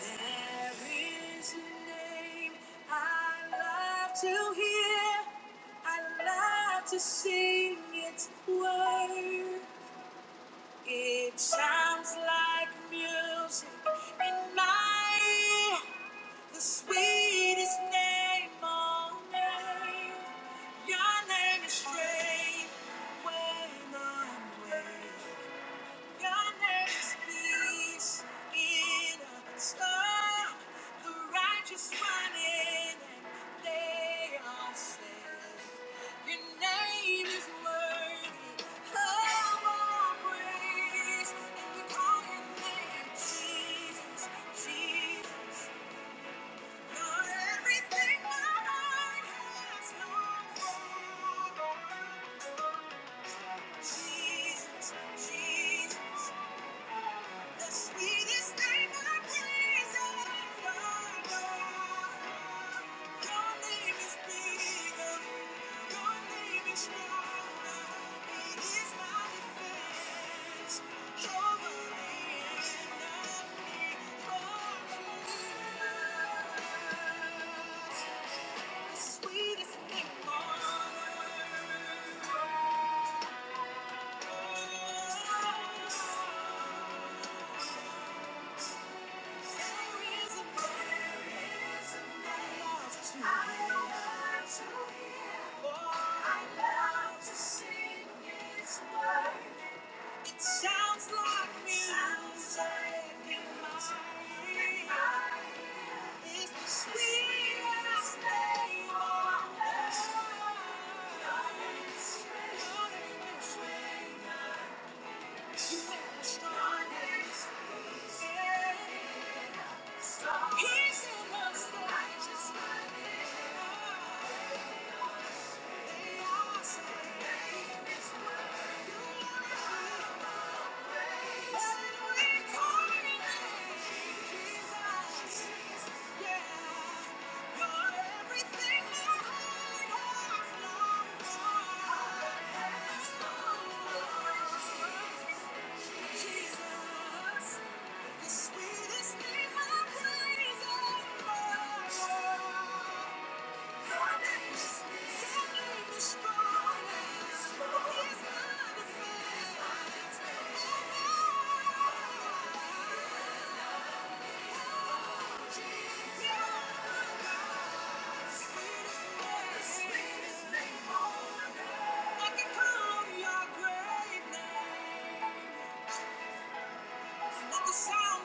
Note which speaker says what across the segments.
Speaker 1: There is a name I love to hear. I love to sing its word. It sounds like music in my ear. The sweetest name on earth. Your name is straight when I'm away. Jesus, Jesus. The sweetest name I praise Your Your name is bigger. Your name is stronger. It is my defense. You're the land me The sweetest name on earth. It sounds like music in my ear. It's the sweetest thing on earth. You are the strongest. He's in Thank you. Sweetest name I praise, oh my Lord.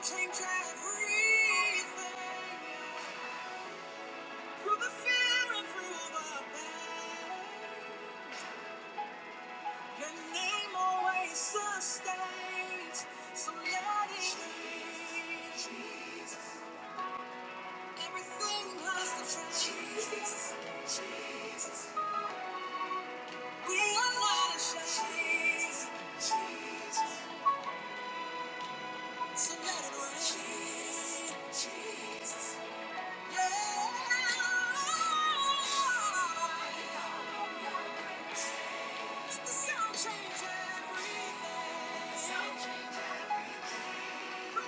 Speaker 1: Change everything through the fear and through the pain. Your name always sustains, so let it be. Everything has to change. We are not ashamed, so let it rain. Yeah. Let the sound change everything. Jesus!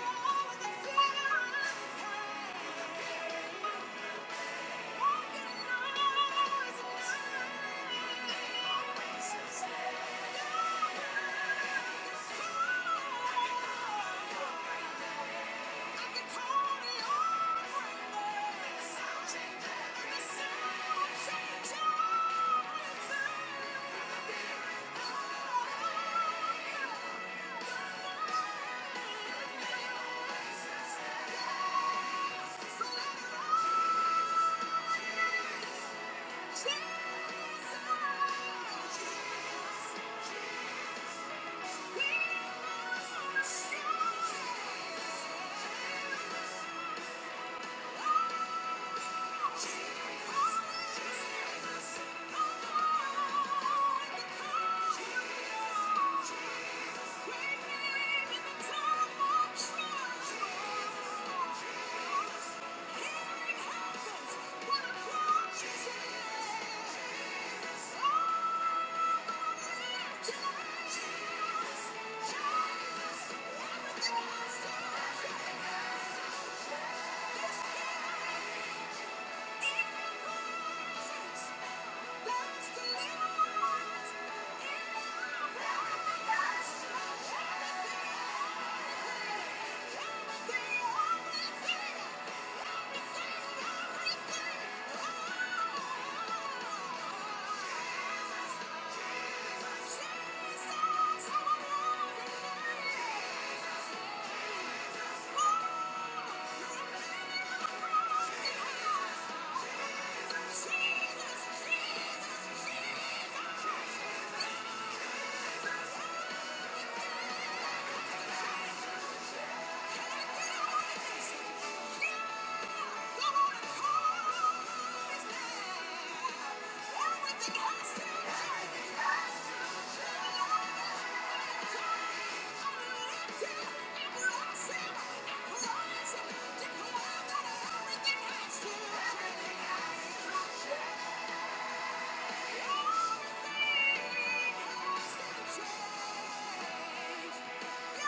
Speaker 1: Jesus! Healing happens when I call Jesus. Jesus, Jesus. Jesus. Yeah!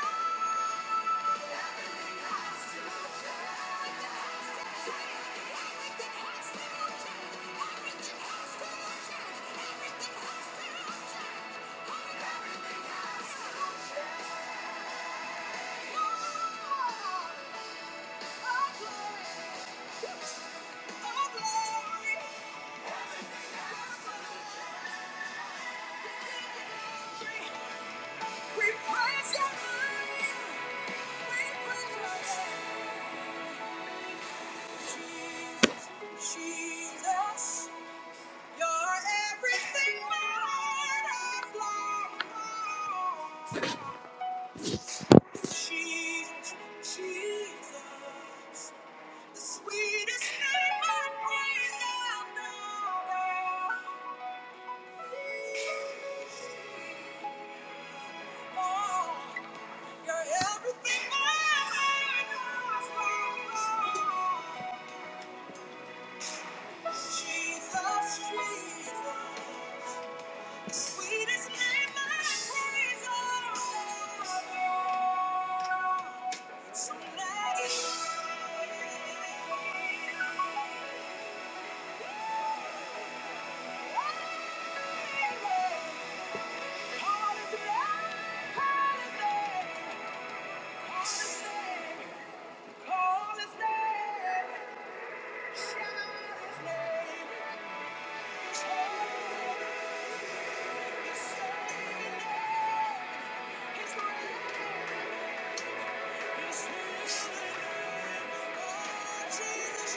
Speaker 1: We praise your name. We praise your name. Jesus, Jesus. You're everything that I've longed for. Jesus, Jesus, the sweetest name I praise and adore. Oh, you're everything my heart has longed for. Jesus, Jesus. Sweetest name. Hearts will have to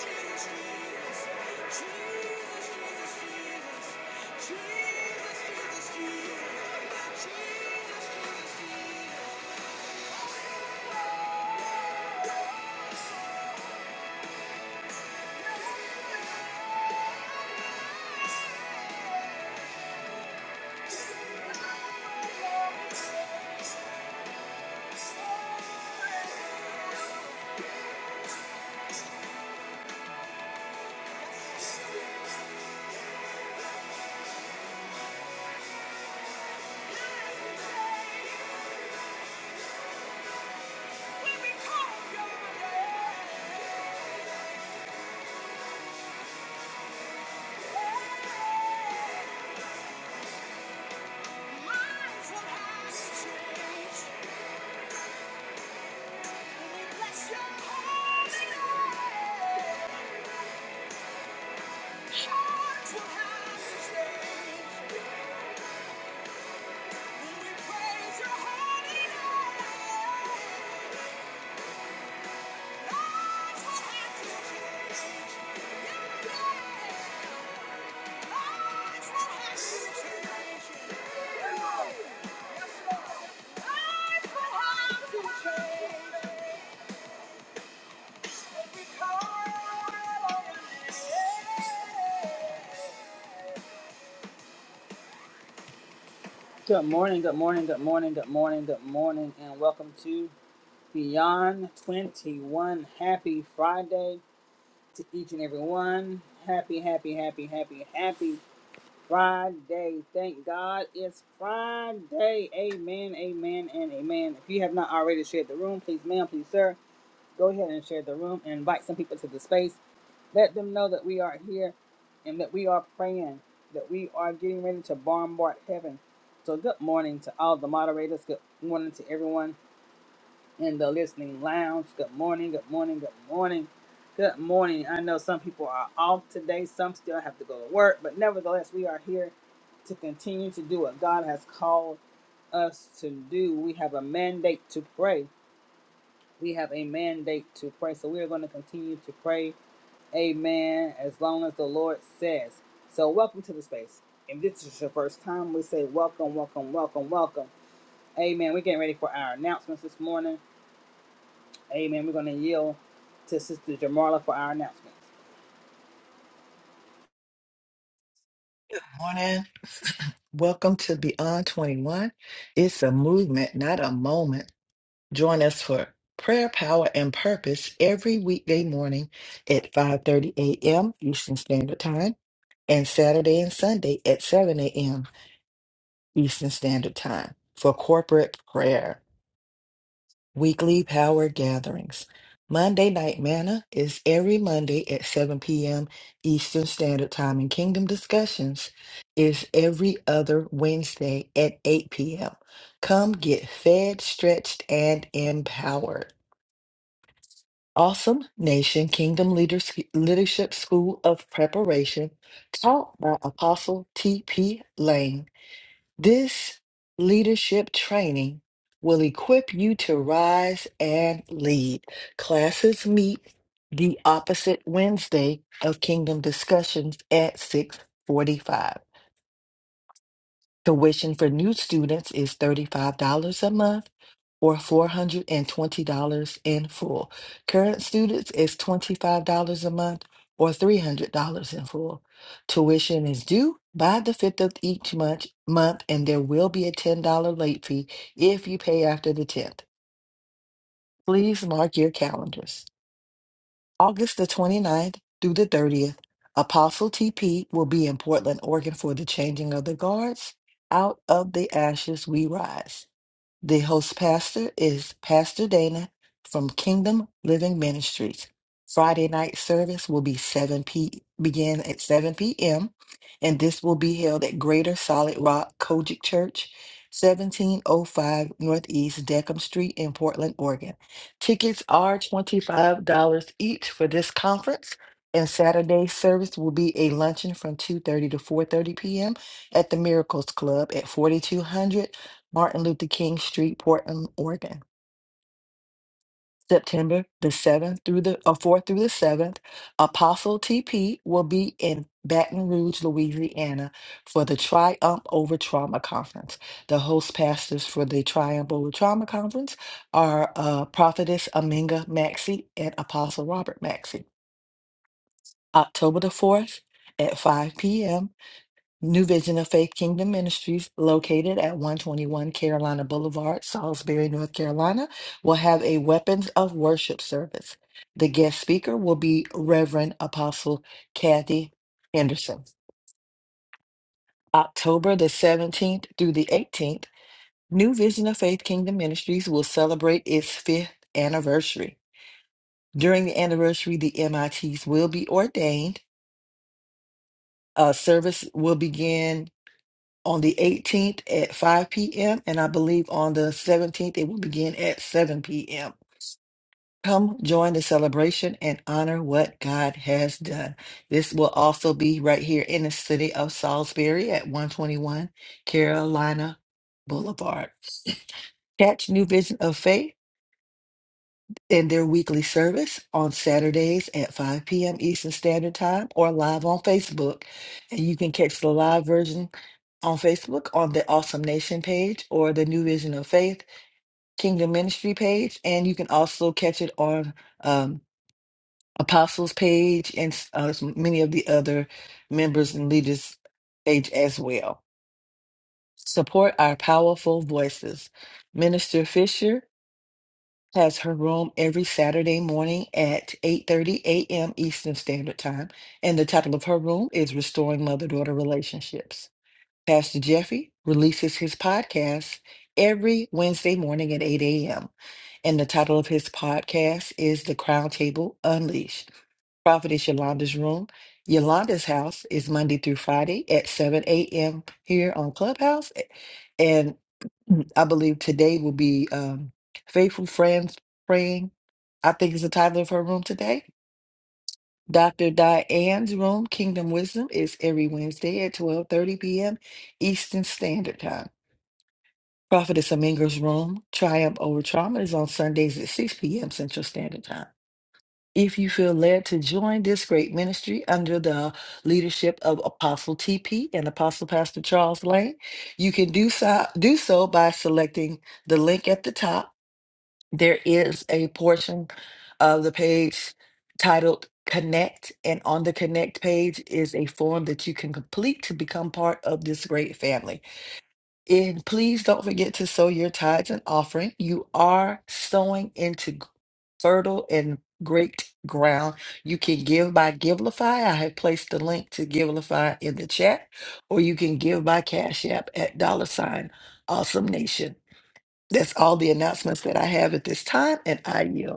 Speaker 1: stay when we praise your holy name. Good morning, good morning, good morning, good morning, good morning, and welcome to Beyond 21. Happy Friday to each and every one. Happy, happy, happy, happy, happy Friday. Thank God it's Friday. Amen, amen, and amen. If you have not already shared the room, please, ma'am, please, sir, go ahead and share the room and invite some people to the space. Let them know that we are here and that we are praying, that we are getting ready to bombard heaven. So, good morning to all the moderators. Good morning to everyone in the listening lounge. Good morning, good morning, good morning, good morning. I know some people are off today, some still have to go to work, but nevertheless, we are here to continue to do what God has called us to do. We have a mandate to pray. We have a mandate to pray. So we are going to continue to pray. Amen. As long as the Lord says. So welcome to the space. If this is your first time, we say welcome, welcome, welcome, welcome. Amen. We're getting ready for our announcements this morning. Amen. We're going to yield to Sister Jamarla for our announcements.
Speaker 2: Morning. Welcome to Beyond 21. It's a movement, not a moment. Join us for prayer, power, and purpose every weekday morning at 5:30 a.m. Eastern Standard Time and Saturday and Sunday at 7 a.m. Eastern Standard Time for corporate prayer. Weekly Power Gatherings. Monday Night Manna is every Monday at 7 p.m. Eastern Standard Time, and Kingdom Discussions is every other Wednesday at 8 p.m. Come get fed, stretched, and empowered. Awesome Nation Kingdom Leaders- Leadership School of Preparation, taught by Apostle T.P. Lane this leadership training will equip you to rise and lead. Classes meet the opposite Wednesday of Kingdom Discussions at 6:45. Tuition for new students is $35 a month or $420 in full. Current students is $25 a month or $300 in full. Tuition is due by the 5th of each month, month and there will be a $10 late fee if you pay after the 10th. Please mark your calendars. August the 29th through the 30th, Apostle TP will be in Portland, Oregon for the changing of the guards. Out of the ashes we rise. The host pastor is Pastor Dana from Kingdom Living Ministries. Friday night service will be 7 p begin at 7 p.m. and this will be held at Greater Solid Rock Kojic Church, 1705 Northeast Deckham Street in Portland, Oregon. Tickets are $25 each for this conference. And Saturday service will be a luncheon from 2:30 to 4:30 p.m. at the Miracles Club at 4200 Martin Luther King Street, Portland, Oregon. September the 7th through the uh, 4th through the 7th, Apostle TP will be in Baton Rouge, Louisiana for the Triumph Over Trauma Conference. The host pastors for the Triumph Over Trauma Conference are uh, Prophetess Aminga Maxey and Apostle Robert Maxey. October the 4th at 5 p.m. New Vision of Faith Kingdom Ministries, located at 121 Carolina Boulevard, Salisbury, North Carolina, will have a Weapons of Worship service. The guest speaker will be Reverend Apostle Kathy Henderson. October the 17th through the 18th, New Vision of Faith Kingdom Ministries will celebrate its fifth anniversary. During the anniversary, the MITs will be ordained. A service will begin on the 18th at 5 p.m. and I believe on the 17th it will begin at 7 p.m. Come join the celebration and honor what God has done. This will also be right here in the city of Salisbury at 121 Carolina Boulevard. Catch New Vision of Faith in their weekly service on Saturdays at 5 p.m. Eastern Standard Time or live on Facebook. And you can catch the live version on Facebook on the Awesome Nation page or the New Vision of Faith Kingdom Ministry page. And you can also catch it on um, Apostles page and uh, many of the other members and leaders page as well. Support our powerful voices. Minister Fisher has her room every Saturday morning at 8:30 a.m. Eastern Standard Time, and the title of her room is Restoring Mother-Daughter Relationships. Pastor Jeffy releases his podcast every Wednesday morning at 8 a.m., and the title of his podcast is The Crown Table Unleashed. Prophetess Yolanda's room, Yolanda's house, is Monday through Friday at 7 a.m. here on Clubhouse and. Mm, I believe today will be um, Faithful Friends Praying. I think is the title of her room today. Dr. Diane's room, Kingdom Wisdom, is every Wednesday at 12:30 p.m. Eastern Standard Time. Prophetess Aminga's room, Triumph Over Trauma, is on Sundays at 6 p.m. Central Standard Time. If you feel led to join this great ministry under the leadership of Apostle TP and Apostle Pastor Charles Lane, you can do so, do so by selecting the link at the top There is a portion of the page titled Connect, and on the Connect page is a form that you can complete to become part of this great family. And please don't forget to sow your tithes and offering. You are sowing into g- fertile and great ground. You can give by Givelify. I have placed the link to Givelify in the chat, or you can give by Cash App at dollar sign awesome nation. That's all the announcements that I have at this time, and I yield.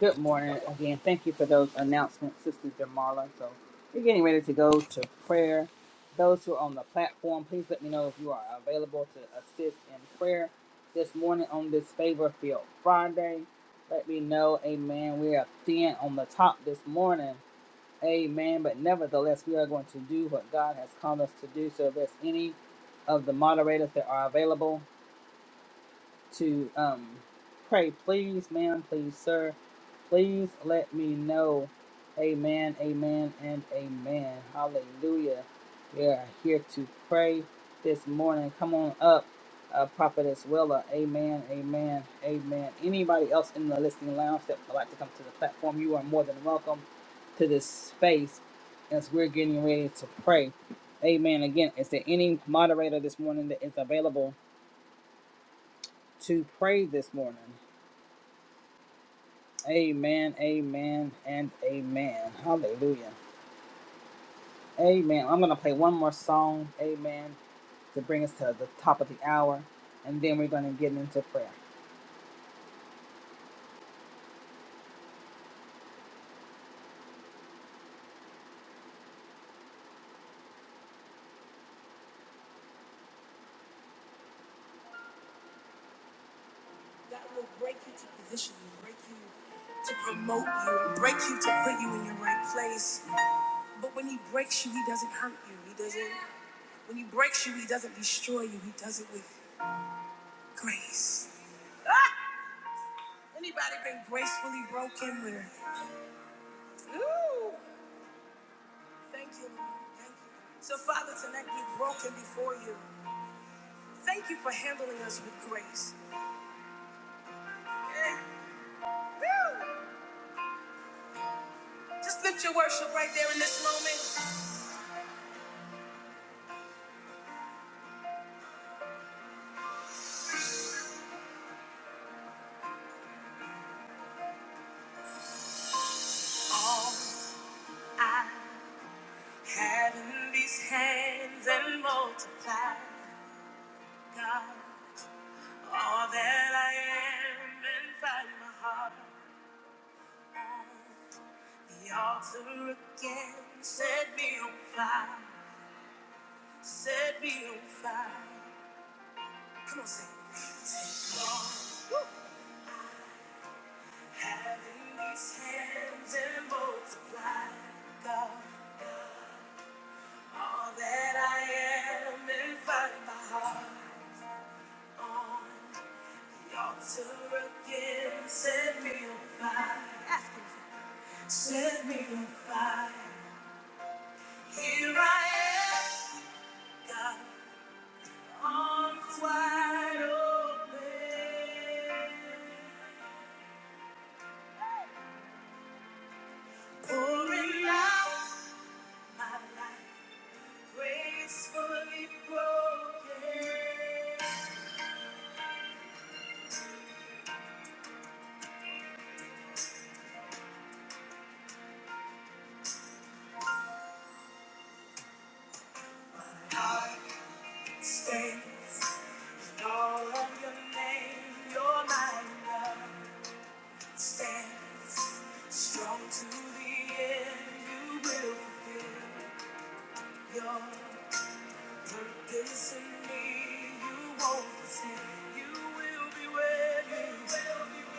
Speaker 1: Good morning again. Thank you for those announcements, Sister Jamarla. So we're getting ready to go to prayer. Those who are on the platform, please let me know if you are available to assist in prayer this morning on this Favor Field Friday. Let me know, amen. We are thin on the top this morning, amen. But nevertheless, we are going to do what God has called us to do. So if there's any of the moderators that are available, to um pray. Please, ma'am, please, sir, please let me know. Amen, amen, and amen. Hallelujah. We are here to pray this morning. Come on up, uh, Prophetess Willa. Amen, amen, amen. Anybody else in the listening lounge that would like to come to the platform, you are more than welcome to this space as we're getting ready to pray. Amen. Again, is there any moderator this morning that is available to pray this morning? Amen, amen, and amen. Hallelujah. Amen. I'm going to play one more song, amen, to bring us to the top of the hour, and then we're going to get into prayer. That will break you to position you, break you to promote you, break you to put you in your right place. But when He breaks you, He doesn't hurt you. He doesn't, when He breaks you, He doesn't destroy you. He does it with grace. Ah! Anybody been gracefully broken with? Ooh. Thank you, Lord. Thank you. So, Father, tonight we're broken before you. Thank you for handling us with grace. Yeah. Woo. Just lift your worship right there in this moment. All I have in these hands and multiply, God. All that I am and find my heart on the altar again. Set me on fire. Set me on fire. Come on, sing. Take long having these hands and multiply, God, all that I am and find my heart on the altar again. Set me on fire, set me on fire. Here I am, God, arms wide open, pouring out my life. Gracefully broken, heart stands in all of your name. Your mighty love stands strong to the end. You will fulfill your purpose in me. You won't forsake. You will be with me.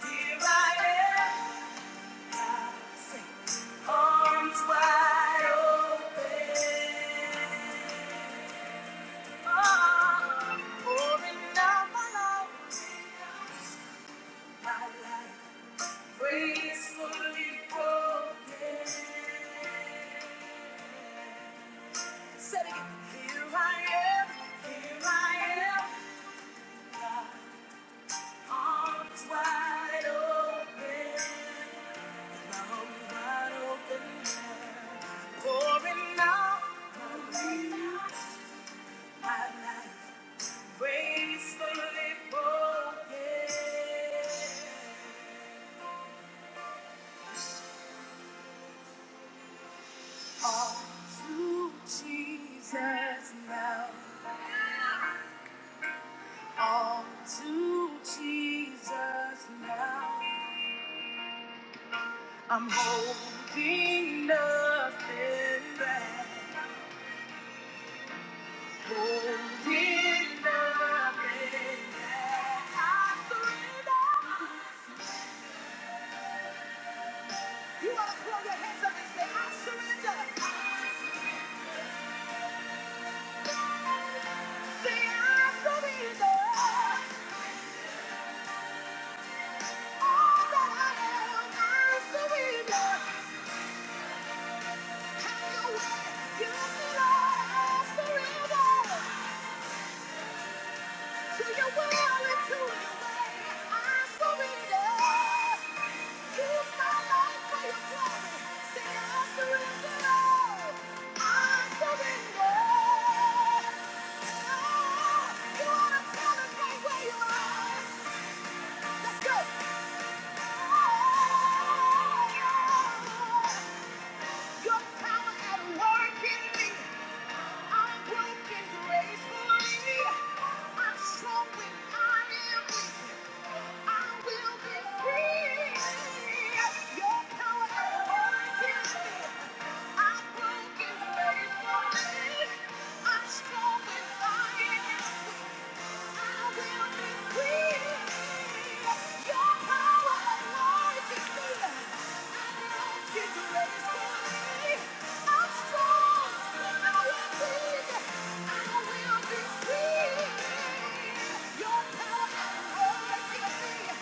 Speaker 1: Here I am. oh, Here I am, here I am. Arms wide open, arms wide open, pouring out my life, gracefully broken. All to Jesus now, all to Jesus now. I'm holding nothing back. To your will and to your way, I surrender. I'm strong when I am weak. I will be free. Your power and glory give me.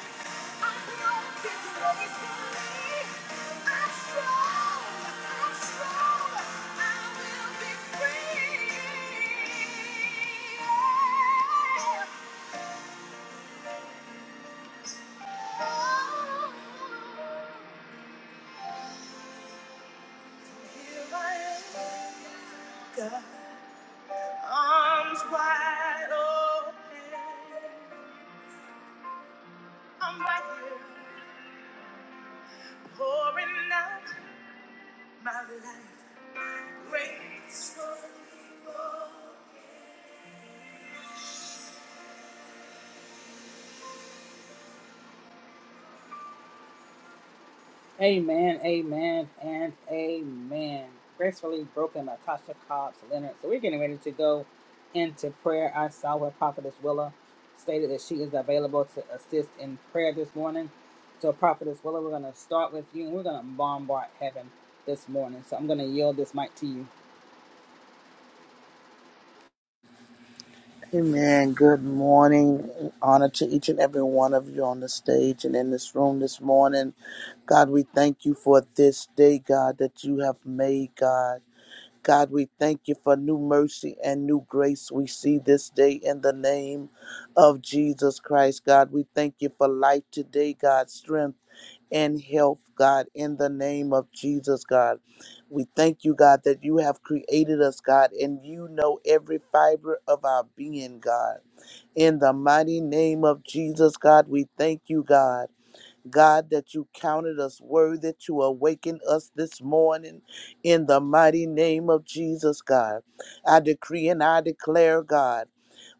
Speaker 1: God, Arms wide open, I'm right here pouring out my life. Amen, amen, and amen. Gracefully broken by Tasha Cobbs Leonard. So we're getting ready to go into prayer. I saw where Prophetess Willa stated that she is available to assist in prayer this morning. So, Prophetess Willa, we're going to start with you and we're going to bombard heaven this morning. So, I'm going to yield this mic to you.
Speaker 3: Amen. Good morning. Honor to each and every one of you on the stage and in this room this morning. God, we thank you for this day, God, that you have made, God. God, we thank you for new mercy and new grace we see this day in the name of Jesus Christ. God, we thank you for life today, God, strength and health, God, in the name of Jesus, God. We thank you, God, that you have created us, God, and you know every fiber of our being, God. In the mighty name of Jesus, God, we thank you, God. God, that you counted us worthy to awaken us this morning in the mighty name of Jesus, God. I decree and I declare, God.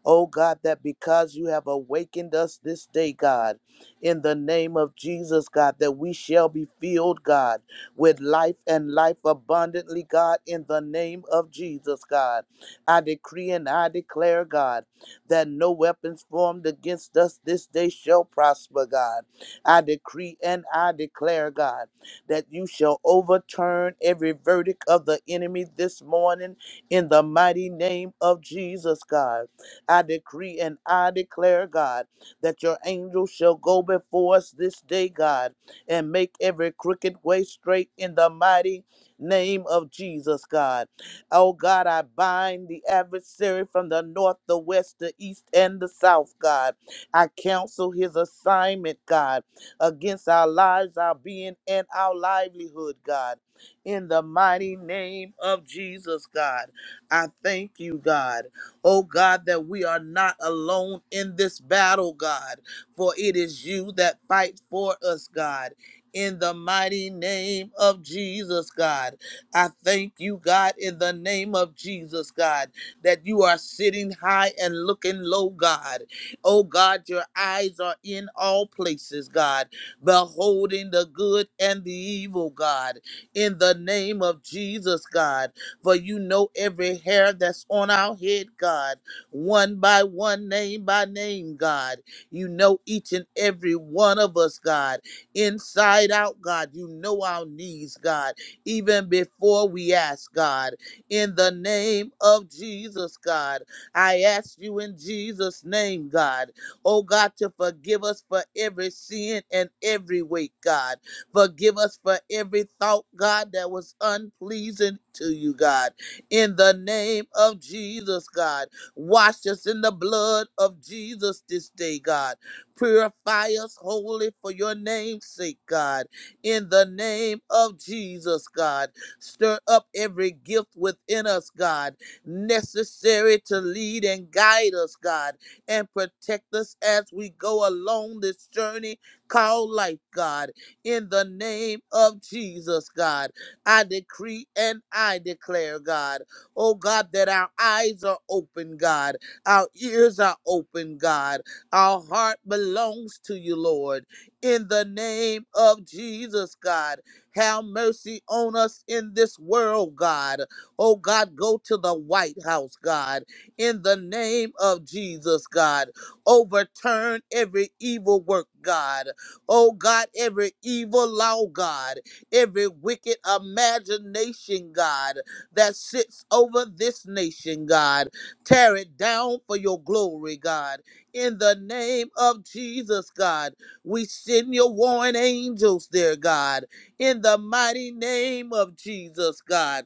Speaker 3: Oh God, that because you have awakened us this day, God, in the name of Jesus, God, that we shall be filled, God, with life and life abundantly, God, in the name of Jesus, God. I decree and I declare, God, that no weapons formed against us this day shall prosper, God. I decree and I declare, God, that you shall overturn every verdict of the enemy this morning in the mighty name of Jesus, God. I decree and I declare, God, that your angels shall go before us this day, God, and make every crooked way straight in the mighty name of Jesus, God. Oh, God, I bind the adversary from the north, the west, the east, and the south, God. I counsel his assignment, God, against our lives, our being, and our livelihood, God. In the mighty name of Jesus, God. I thank you, God. Oh God, that we are not alone in this battle, God, for it is you that fight for us, God. In the mighty name of Jesus, God. I thank you, God, in the name of Jesus, God, that you are sitting high and looking low, God. Oh, God, your eyes are in all places, God, beholding the good and the evil, God. In the name of Jesus, God for you know every hair that's on our head, God, one by one, name by name, God. You know each and every one of us, God, inside out, God. You know our needs, God, even before we ask, God. In the name of Jesus, God, I ask you in Jesus' name, God, oh God, to forgive us for every sin and every weight, God Forgive us for every thought, God, that was unpleasing to you, God. In the name of Jesus, God. Wash us in the blood of Jesus this day, God. Purify us wholly for your name's sake, God. In the name of Jesus, God. Stir up every gift within us, God, necessary to lead and guide us, God, and protect us as we go along this journey called life, God in the name of Jesus, God. I decree and I declare, God, oh God, that our eyes are open, God, our ears are open, God, our heart belongs to you, Lord, in the name of Jesus, God. Have mercy on us in this world, God. Oh God, go to the White House, God, in the name of Jesus, God. Overturn every evil work, God. Oh God, every evil law, God, every wicked imagination, God, that sits over this nation, God, tear it down for your glory, God. In the name of Jesus, God, we send your warring angels there, God. In the mighty name of Jesus, God.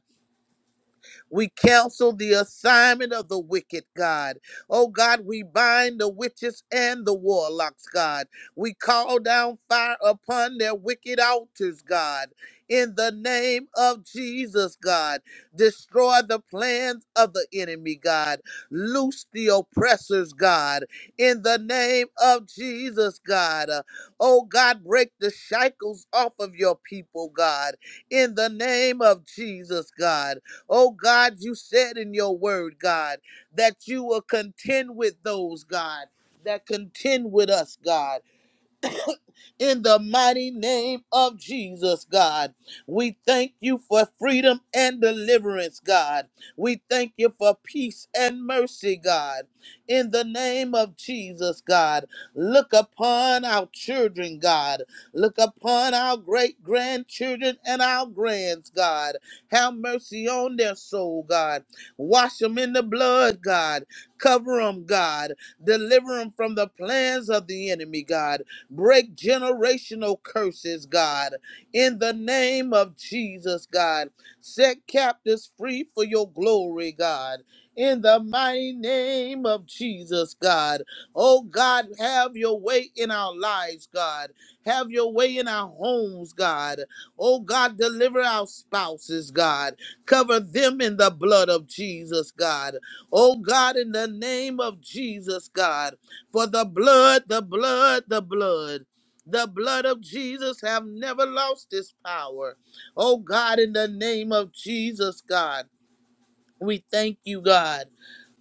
Speaker 3: We cancel the assignment of the wicked, God. Oh, God, we bind the witches and the warlocks, God. We call down fire upon their wicked altars, God. In the name of Jesus, God, destroy the plans of the enemy, God. Loose the oppressors, God. In the name of Jesus, God. Uh, Oh, God, break the shackles off of your people, God. In the name of Jesus, God. Oh God, you said in your word, God, that you will contend with those, God, that contend with us, God in the mighty name of Jesus, God. We thank you for freedom and deliverance, God. We thank you for peace and mercy, God. In the name of Jesus, God, look upon our children, God. Look upon our great grandchildren and our grands, God. Have mercy on their soul, God. Wash them in the blood, God. Cover them, God. Deliver them from the plans of the enemy, God Break generational curses, God, in the name of Jesus, God. Set captives free for your glory, God. In the mighty name of Jesus, God. Oh, God, have your way in our lives, God. Have your way in our homes, God. Oh, God, deliver our spouses, God. Cover them in the blood of Jesus, God. Oh, God, in the name of Jesus, God. For the blood, the blood, the blood, the blood of Jesus have never lost its power. Oh God, in the name of Jesus, God. We thank you, God,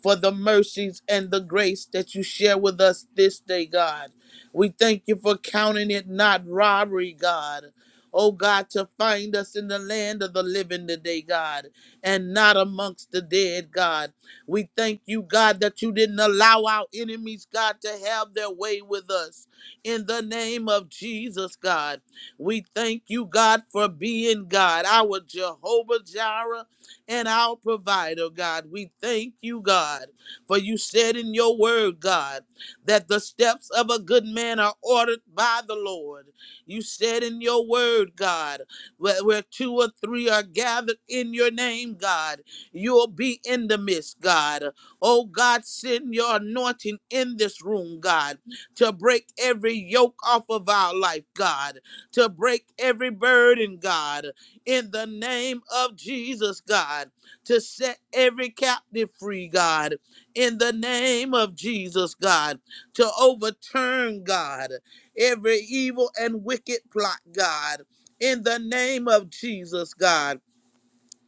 Speaker 3: for the mercies and the grace that you share with us this day, God. We thank you for counting it not robbery, God. Oh God, to find us in the land of the living today, God, and not amongst the dead, God. We thank you, God, that you didn't allow our enemies, God, to have their way with us. In the name of Jesus, God, we thank you, God, for being God, our Jehovah Jireh, and our provider, God. We thank you, God, for you said in your word, God, that the steps of a good man are ordered by the Lord. You said in your word, God, where, where two or three are gathered in your name, God, you'll be in the midst, God. Oh, God, send your anointing in this room, God, to break every yoke off of our life, God, to break every burden, God in the name of Jesus, God, to set every captive free, God, in the name of Jesus, God, to overturn, God, every evil and wicked plot, God. In the name of Jesus, God.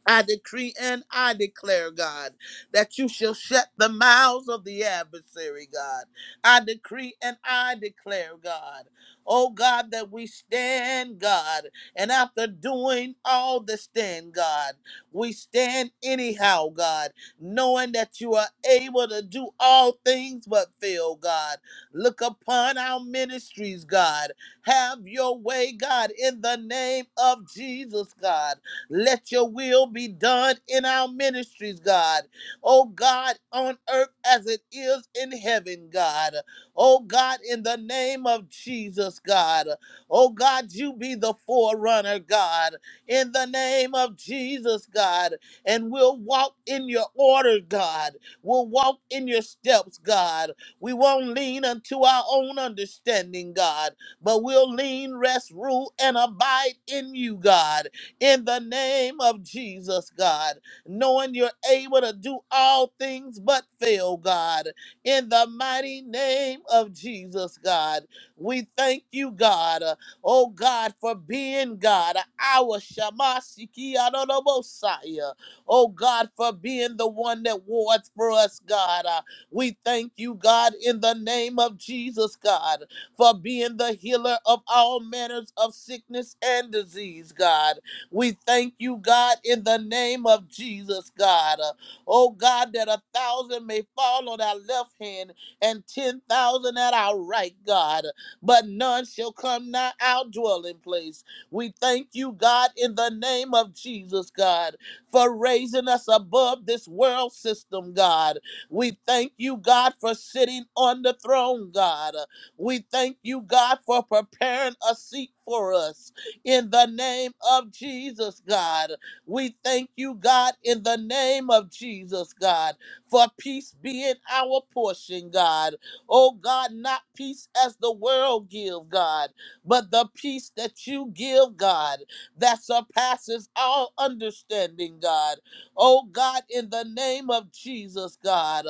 Speaker 3: I decree and I declare, God, that you shall shut the mouths of the adversary, God. I decree and I declare, God, oh God, that we stand, God, and after doing all the stand, God, we stand anyhow, God, knowing that you are able to do all things but fail, God. Look upon our ministries, God. Have your way, God, in the name of Jesus, God. Let your will be done in our ministries, God. Oh God, on earth as it is in heaven, God. Oh God, in the name of Jesus, God. Oh God, you be the forerunner, God, in the name of Jesus, God. And we'll walk in your order, God. We'll walk in your steps, God. We won't lean unto our own understanding, God, but we'll lean, rest, rule, and abide in you, God in the name of Jesus, God, knowing you're able to do all things but fail, God, in the mighty name of Jesus, God. We thank you, God, uh, oh God, for being God, our Shamasiki Adonobosaya, oh God, for being the one that wards for us, God. Uh, we thank you, God, in the name of Jesus, God for being the healer of all manners of sickness and disease, God. We thank you, God, in the name of Jesus, God. Uh, Oh, God, that a thousand may fall on our left hand and 10,000 at our right, God, but none shall come nigh our dwelling place. We thank you, God, in the name of Jesus, God, for raising us above this world system, God. We thank you, God, for sitting on the throne, God. We thank you, God, for preparing a seat for us in the name of Jesus, God. We thank you, God, in the name of Jesus, God, for peace being our portion, God. Oh, God, not peace as the world give, God, but the peace that you give, God, that surpasses all understanding, God. Oh, God, in the name of Jesus, God.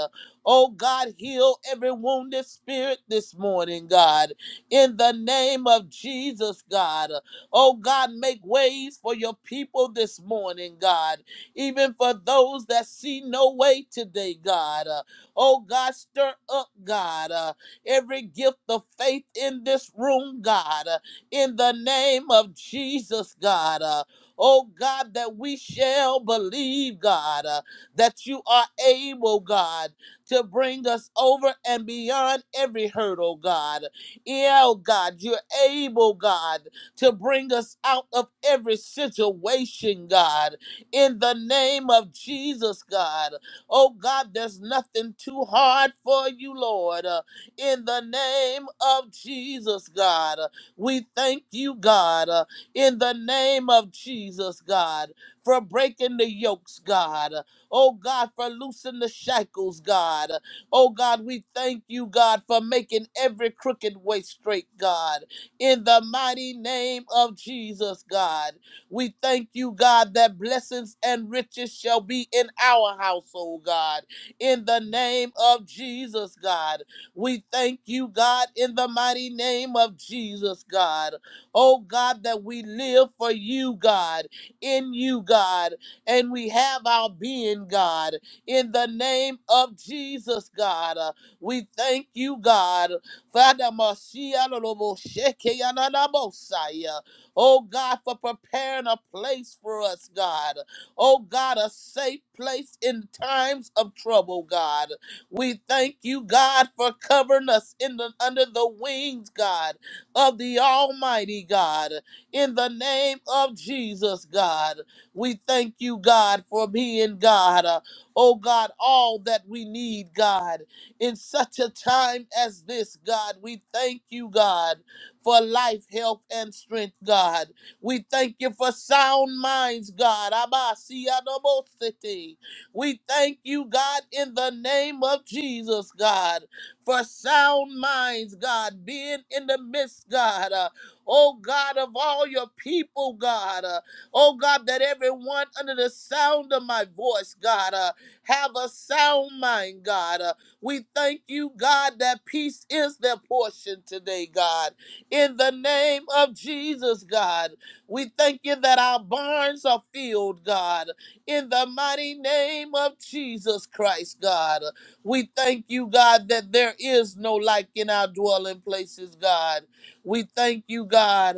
Speaker 3: Oh, God, heal every wounded spirit this morning, God. In the name of Jesus, God. Oh God, make ways for your people this morning, God. Even for those that see no way today, God. Uh, oh God, stir up, God, uh, every gift of faith in this room, God. Uh, in the name of Jesus, God. Uh, oh God, that we shall believe, God, uh, that you are able, God, to bring us over and beyond every hurdle, God. Yeah, oh God, you're able, God to bring us out of every situation, God. In the name of Jesus, God. Oh, God, there's nothing too hard for you, Lord. Uh, In the name of Jesus, God. Uh, We thank you, God. Uh, In the name of Jesus, God, for breaking the yokes, God. Uh, Oh, God, for loosing the shackles, God. Uh, Oh God, we thank you, God, for making every crooked way straight, God in the mighty name of Jesus, God. We thank you, God, that blessings and riches shall be in our household, God, in the name of Jesus, God. We thank you, God, in the mighty name of Jesus, God. Oh, God, that we live for you, God, in you, God, and we have our being, God, in the name of Jesus, God. Uh, We thank you, God. Father, Messiah, Lobo, Sheke, Yanana, Mosiah. oh God, for preparing a place for us, God. Oh God, a safe place in times of trouble, God. We thank you, God, for covering us in the, under the wings, God, of the Almighty God. In the name of Jesus, God, we thank you, God, for being God. Uh, oh God, all that we need, God in such a time as this, God. We thank you, God, for life, health, and strength, God. We thank you for sound minds, God. Abba, Sia, Dobo, City. We thank you, God, in the name of Jesus, God, for sound minds, God, being in the midst, God. Uh, oh, God, of all your people, God. Uh, oh, God, that everyone under the sound of my voice, God, uh, have a sound mind, God. uh, we thank you, God, that peace is their portion today, God. In the name of Jesus, God, we thank you that our barns are filled, God. In the mighty name of Jesus Christ, God, we thank you, God, that there is no like in our dwelling places, God. We thank you, God.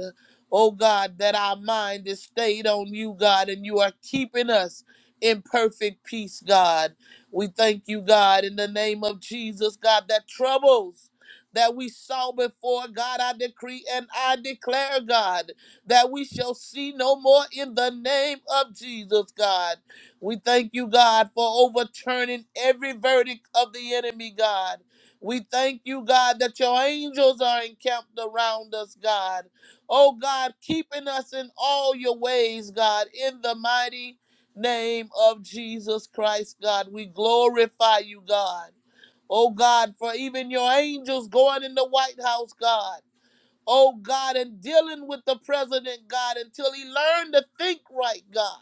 Speaker 3: Oh God, that our mind is stayed on you, God, and you are keeping us in perfect peace, God. We thank you, God, in the name of Jesus, God, that troubles that we saw before, God, I decree and I declare, God, that we shall see no more in the name of Jesus, God. We thank you, God, for overturning every verdict of the enemy, God. We thank you, God, that your angels are encamped around us, God. Oh, God, keeping us in all your ways, God, in the mighty name of Jesus Christ, God. We glorify you, God. Oh, God, for even your angels going in the White House, God oh God, and dealing with the president, God, until he learned to think right, God.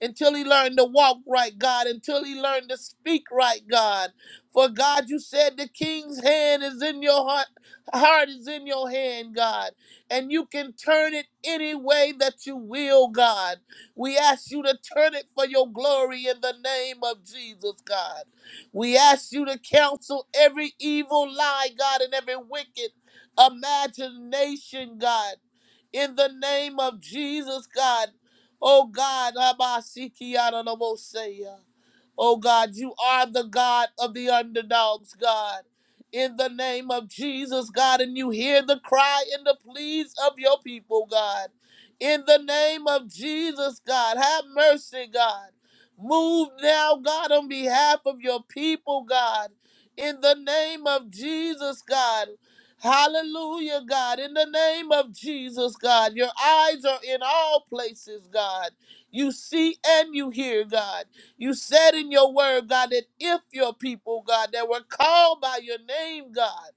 Speaker 3: Until he learned to walk right, God. Until he learned to speak right, God. For God, you said the king's hand is in your heart, heart is in your hand, God. And you can turn it any way that you will, God. We ask you to turn it for your glory in the name of Jesus, God. We ask you to counsel every evil lie, God, and every wicked imagination, God. In the name of Jesus, God. Oh God, Abasikiyananamoseya. Oh God, you are the God of the underdogs, God. In the name of Jesus, God, and you hear the cry and the pleas of your people, God. In the name of Jesus, God, have mercy, God. Move now, God, on behalf of your people, God. In the name of Jesus, God. Hallelujah, God. In the name of Jesus, God, your eyes are in all places, God. You see and you hear, God. You said in your word, God, that if your people, God, that were called by your name, God,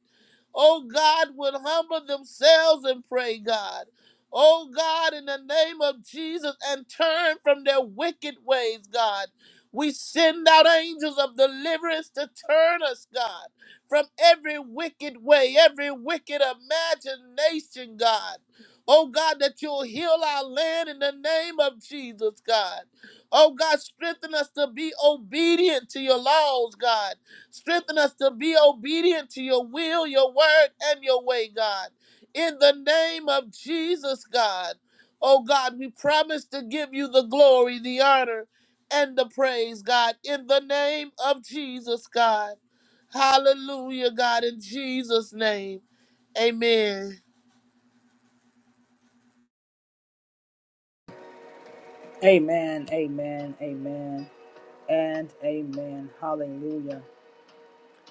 Speaker 3: oh God, would humble themselves and pray, God. Oh God, in the name of Jesus, and turn from their wicked ways, God. We send out angels of deliverance to turn us, God, from every wicked way, every wicked imagination, God. Oh God, that you'll heal our land in the name of Jesus, God. Oh God, strengthen us to be obedient to your laws, God. Strengthen us to be obedient to your will, your word, and your way, God. In the name of Jesus, God. Oh, God, we promise to give you the glory, the honor, and the praise, God. In the name of Jesus, God. Hallelujah, God, in Jesus' name. Amen.
Speaker 1: Amen, amen, amen, and amen. Hallelujah.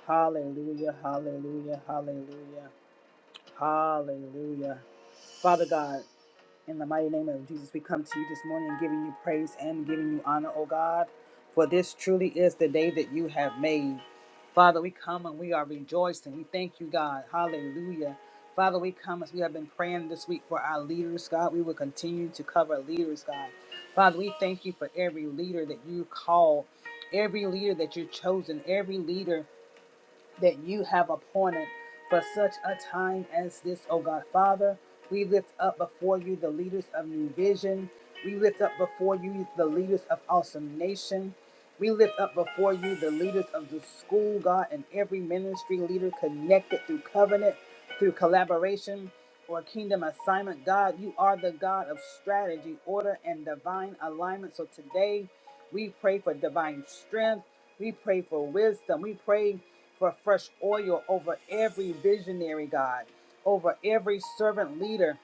Speaker 1: Hallelujah, hallelujah, hallelujah, hallelujah. Father God, in the mighty name of Jesus, we come to you this morning giving you praise and giving you honor, O God, for this truly is the day that you have made. Father, we come and we are rejoicing. We thank you, God. Hallelujah. Father, we come as we have been praying this week for our leaders, God. We will continue to cover leaders, God. Father, we thank you for every leader that you call, every leader that you've chosen, every leader that you have appointed for such a time as this, O God Father. We lift up before you the leaders of New Vision. We lift up before you the leaders of Awesome Nation. We lift up before you the leaders of the school, God, and every ministry leader connected through covenant, through collaboration, or kingdom assignment. God, you are the God of strategy, order, and divine alignment. So today, we pray for divine strength. We pray for wisdom. We pray for fresh oil over every visionary, God, over every servant leader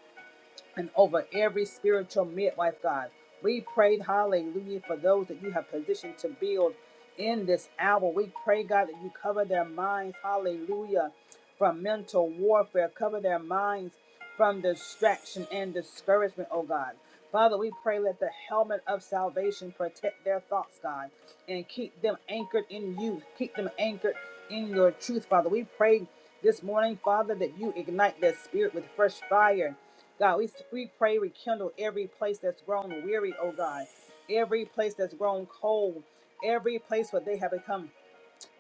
Speaker 1: and over every spiritual midwife, God. We prayed, hallelujah, for those that you have positioned to build in this hour. We pray, God, that you cover their minds, hallelujah, from mental warfare, cover their minds from distraction and discouragement, oh God. Father, we pray let the helmet of salvation protect their thoughts, God, and keep them anchored in you. Keep them anchored in your truth, Father. We pray this morning, Father, that you ignite their spirit with fresh fire God, we, we pray, rekindle every place that's grown weary, oh God, every place that's grown cold, every place where they have become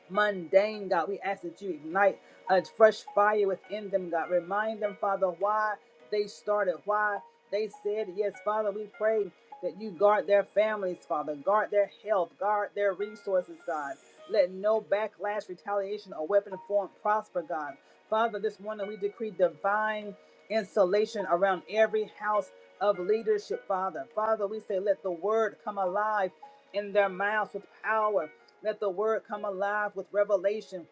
Speaker 1: mundane, God. We ask that you ignite a fresh fire within them, God. Remind them, Father, why they started, why they said yes, Father. We pray that you guard their families, Father, guard their health, guard their resources, God. Let no backlash, retaliation, or weapon form prosper, God. Father, this morning we decree divine insulation around every house of leadership, Father. Father, we say, let the word come alive in their mouths with power. Let the word come alive with revelation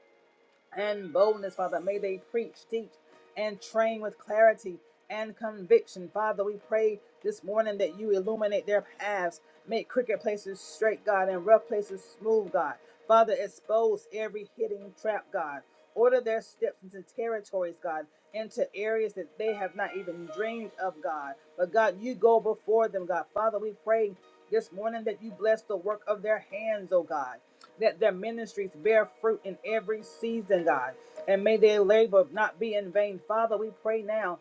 Speaker 1: and boldness, Father. May they preach, teach, and train with clarity and conviction. Father, we pray this morning that you illuminate their paths, make crooked places straight, God, and rough places smooth, God. Father, expose every hidden trap, God. Order their steps into territories, God, into areas that they have not even dreamed of, God. But God, you go before them, God. Father, we pray this morning that you bless the work of their hands, oh God that their ministries bear fruit in every season, God. And may their labor not be in vain. Father, we pray now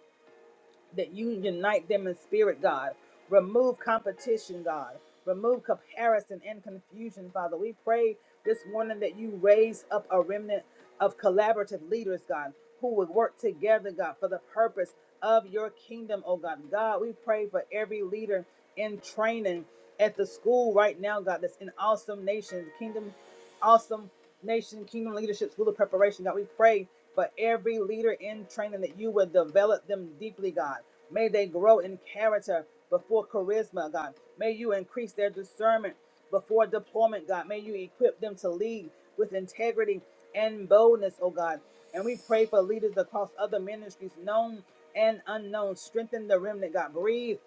Speaker 1: that you unite them in spirit, God. Remove competition, God. Remove comparison and confusion, Father. We pray this morning that you raise up a remnant of collaborative leaders, God, who would work together, God, for the purpose of your kingdom, oh God. God, we pray for every leader in training at the school right now, God, that's in awesome nations, kingdom awesome nation, kingdom leadership school of preparation. God, we pray for every leader in training that you would develop them deeply, God. May they grow in character before charisma, God. May you increase their discernment before deployment, God. May you equip them to lead with integrity and boldness, oh God. And we pray for leaders across other ministries, known and unknown. Strengthen the remnant, God. Breathe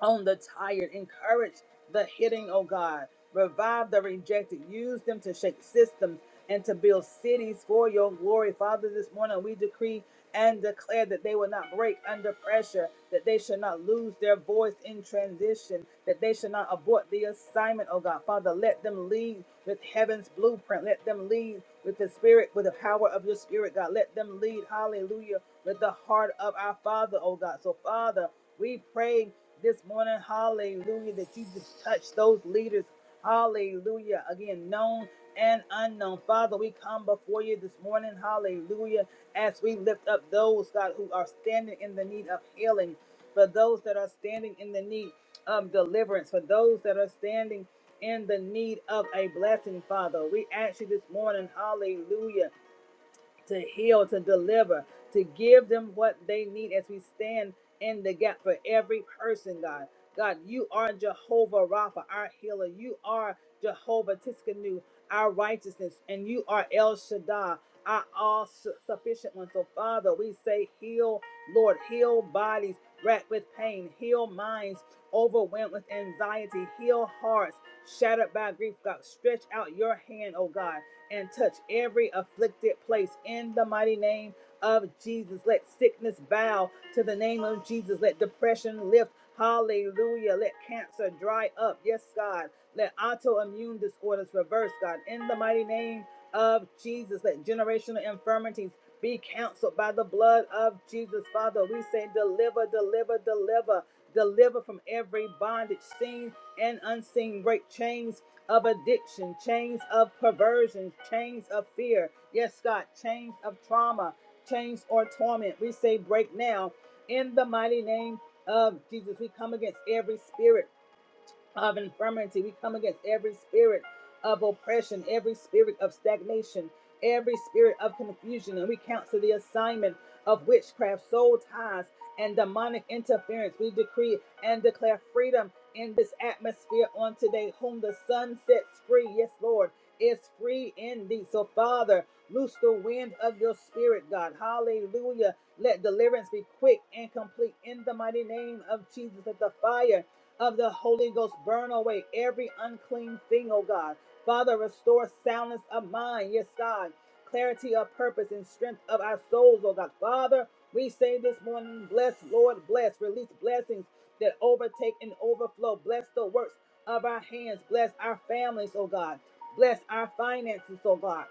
Speaker 1: on the tired. Encourage the hitting, oh God. Revive the rejected. Use them to shake systems and to build cities for your glory. Father, this morning we decree and declare that they will not break under pressure, that they should not lose their voice in transition, that they should not abort the assignment, oh God. Father, let them lead with heaven's blueprint. Let them lead with the spirit, with the power of your spirit, God. Let them lead, hallelujah, with the heart of our Father, oh God. So, Father, we pray this morning, hallelujah, that you just touch those leaders, hallelujah, again, known and unknown. Father, we come before you this morning, hallelujah, as we lift up those, God, who are standing in the need of healing, for those that are standing in the need of deliverance, for those that are standing in the need of a blessing, Father. We ask you this morning, hallelujah to heal, to deliver, to give them what they need as we stand in the gap for every person, God. God, you are Jehovah Rapha, our healer. You are Jehovah Tiskanu, our righteousness, and you are El Shaddai, our all su- sufficient one. So, Father, we say, heal, Lord, heal bodies racked with pain, heal minds overwhelmed with anxiety, heal hearts shattered by grief, God. Stretch out your hand, oh God and touch every afflicted place in the mighty name of Jesus. Let sickness bow to the name of Jesus. Let depression lift. Hallelujah. Let cancer dry up. Yes, God. Let autoimmune disorders reverse, God. In the mighty name of Jesus, let generational infirmities be canceled by the blood of Jesus. Father, we say, deliver, deliver, deliver, deliver from every bondage, seen and unseen. Break chains, of addiction, chains of perversion, chains of fear. Yes, God, chains of trauma, chains or torment. We say break now in the mighty name of Jesus. We come against every spirit of infirmity. We come against every spirit of oppression, every spirit of stagnation, every spirit of confusion, and we counsel the assignment of witchcraft, soul ties, and demonic interference. We decree and declare freedom in this atmosphere on today, whom the sun sets free. Yes, Lord, is free indeed. So, Father, loose the wind of your spirit, God. Hallelujah. Let deliverance be quick and complete in the mighty name of Jesus. Let the fire of the Holy Ghost. Burn away every unclean thing, oh God. Father, restore soundness of mind, yes, God. Clarity of purpose and strength of our souls, oh God. Father, we say this morning, bless, Lord, bless. Release blessings that overtake and overflow. Bless the works of our hands. Bless our families, oh God. Bless our finances, oh God.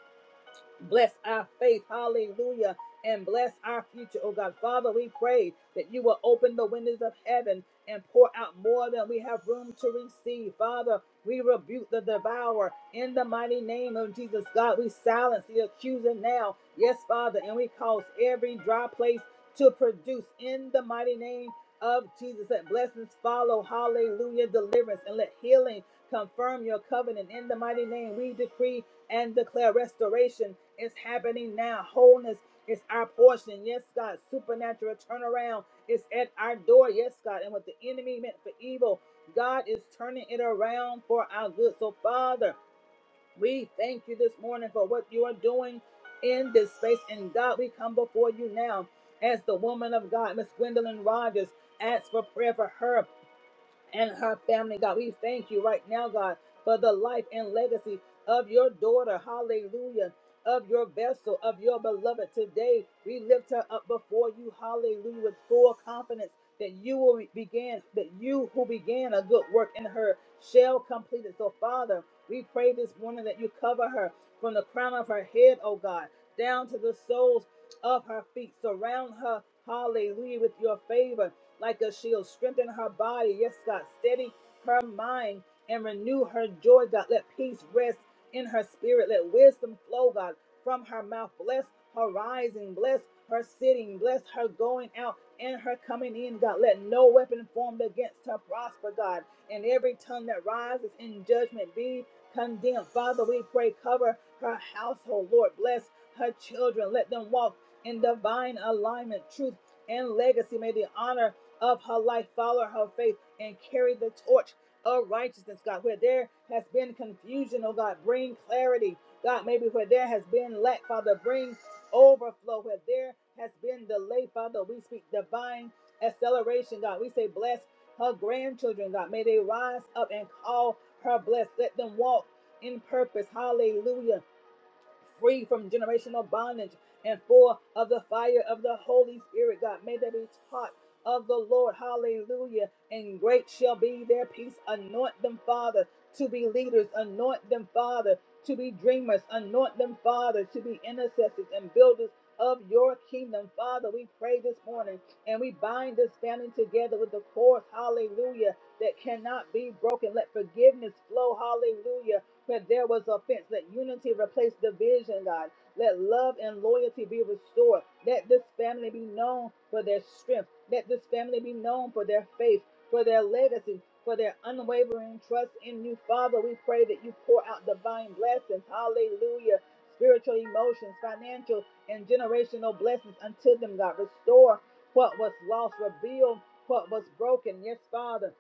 Speaker 1: Bless our faith, hallelujah, and bless our future, oh God. Father, we pray that you will open the windows of heaven and pour out more than we have room to receive. Father, we rebuke the devourer in the mighty name of Jesus. God, we silence the accuser now. Yes, Father, and we cause every dry place to produce in the mighty name of Jesus. Let blessings follow, hallelujah, deliverance, and let healing confirm your covenant in the mighty name. We decree and declare restoration is happening now. Wholeness is our portion. Yes, God. Supernatural turnaround is at our door. Yes, God. And what the enemy meant for evil, God is turning it around for our good. So, Father, we thank you this morning for what you are doing in this space. And God, we come before you now as the woman of God, Miss Gwendolyn Rogers, asks for prayer for her and her family, God. We thank you right now, God, for the life and legacy of your daughter. Hallelujah. Of your vessel, of your beloved. Today, we lift her up before you. Hallelujah. With full confidence that you will begin, that you who began a good work in her shall complete it. So, Father, we pray this morning that you cover her from the crown of her head, oh God, down to the soles of her feet. Surround her, hallelujah, with your favor like a shield. Strengthen her body. Yes, God. Steady her mind and renew her joy, God. Let peace rest in her spirit. Let wisdom flow, God, from her mouth. Bless her rising. Bless her sitting. Bless her going out and her coming in, God. Let no weapon formed against her prosper, God. And every tongue that rises in judgment be condemned. Father, we pray, cover her household, Lord. Bless her children. Let them walk in divine alignment, truth, and legacy. May the honor of her life, follow her faith, and carry the torch of righteousness, God. Where there has been confusion, oh God, bring clarity. God, maybe where there has been lack, Father, bring overflow. Where there has been delay, Father, we speak divine acceleration, God. We say, bless her grandchildren, God. May they rise up and call her blessed. Let them walk in purpose. Hallelujah free from generational bondage and full of the fire of the Holy Spirit, God. May they be taught of the Lord. Hallelujah. And great shall be their peace. Anoint them, Father, to be leaders. Anoint them, Father, to be dreamers. Anoint them, Father, to be intercessors and builders of your kingdom. Father, we pray this morning and we bind this family together with the cords. Hallelujah. That cannot be broken. Let forgiveness flow. Hallelujah but there was offense. Let unity replace division, God. Let love and loyalty be restored. Let this family be known for their strength. Let this family be known for their faith, for their legacy, for their unwavering trust in you. Father, we pray that you pour out divine blessings. Hallelujah. Spiritual emotions, financial and generational blessings unto them, God. Restore what was lost, Rebuild what was broken. Yes, Father.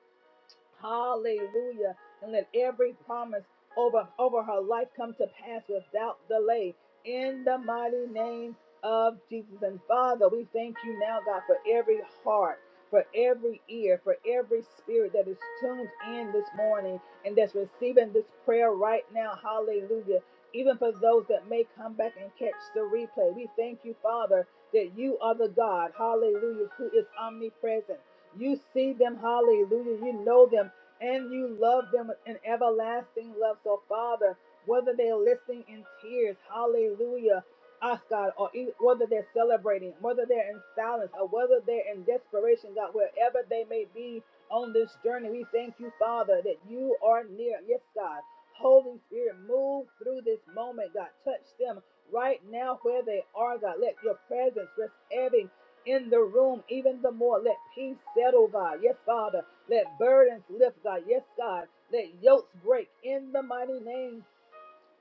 Speaker 1: Hallelujah. And let every promise over, over her life come to pass without delay in the mighty name of Jesus. And Father, we thank you now, God, for every heart, for every ear, for every spirit that is tuned in this morning and that's receiving this prayer right now. Hallelujah. Even for those that may come back and catch the replay, we thank you, Father, that you are the God, hallelujah, who is omnipresent you see them, hallelujah. You know them and you love them with an everlasting love. So, Father, whether they're listening in tears, hallelujah, us, God, or e- whether they're celebrating, whether they're in silence, or whether they're in desperation, God, wherever they may be on this journey, we thank you, Father, that you are near. Yes, God. Holy Spirit, move through this moment, God. Touch them right now where they are, God. Let your presence rest heavy in the room even the more. Let peace settle, God. Yes, Father. Let burdens lift, God. Yes, God. Let yokes break in the mighty name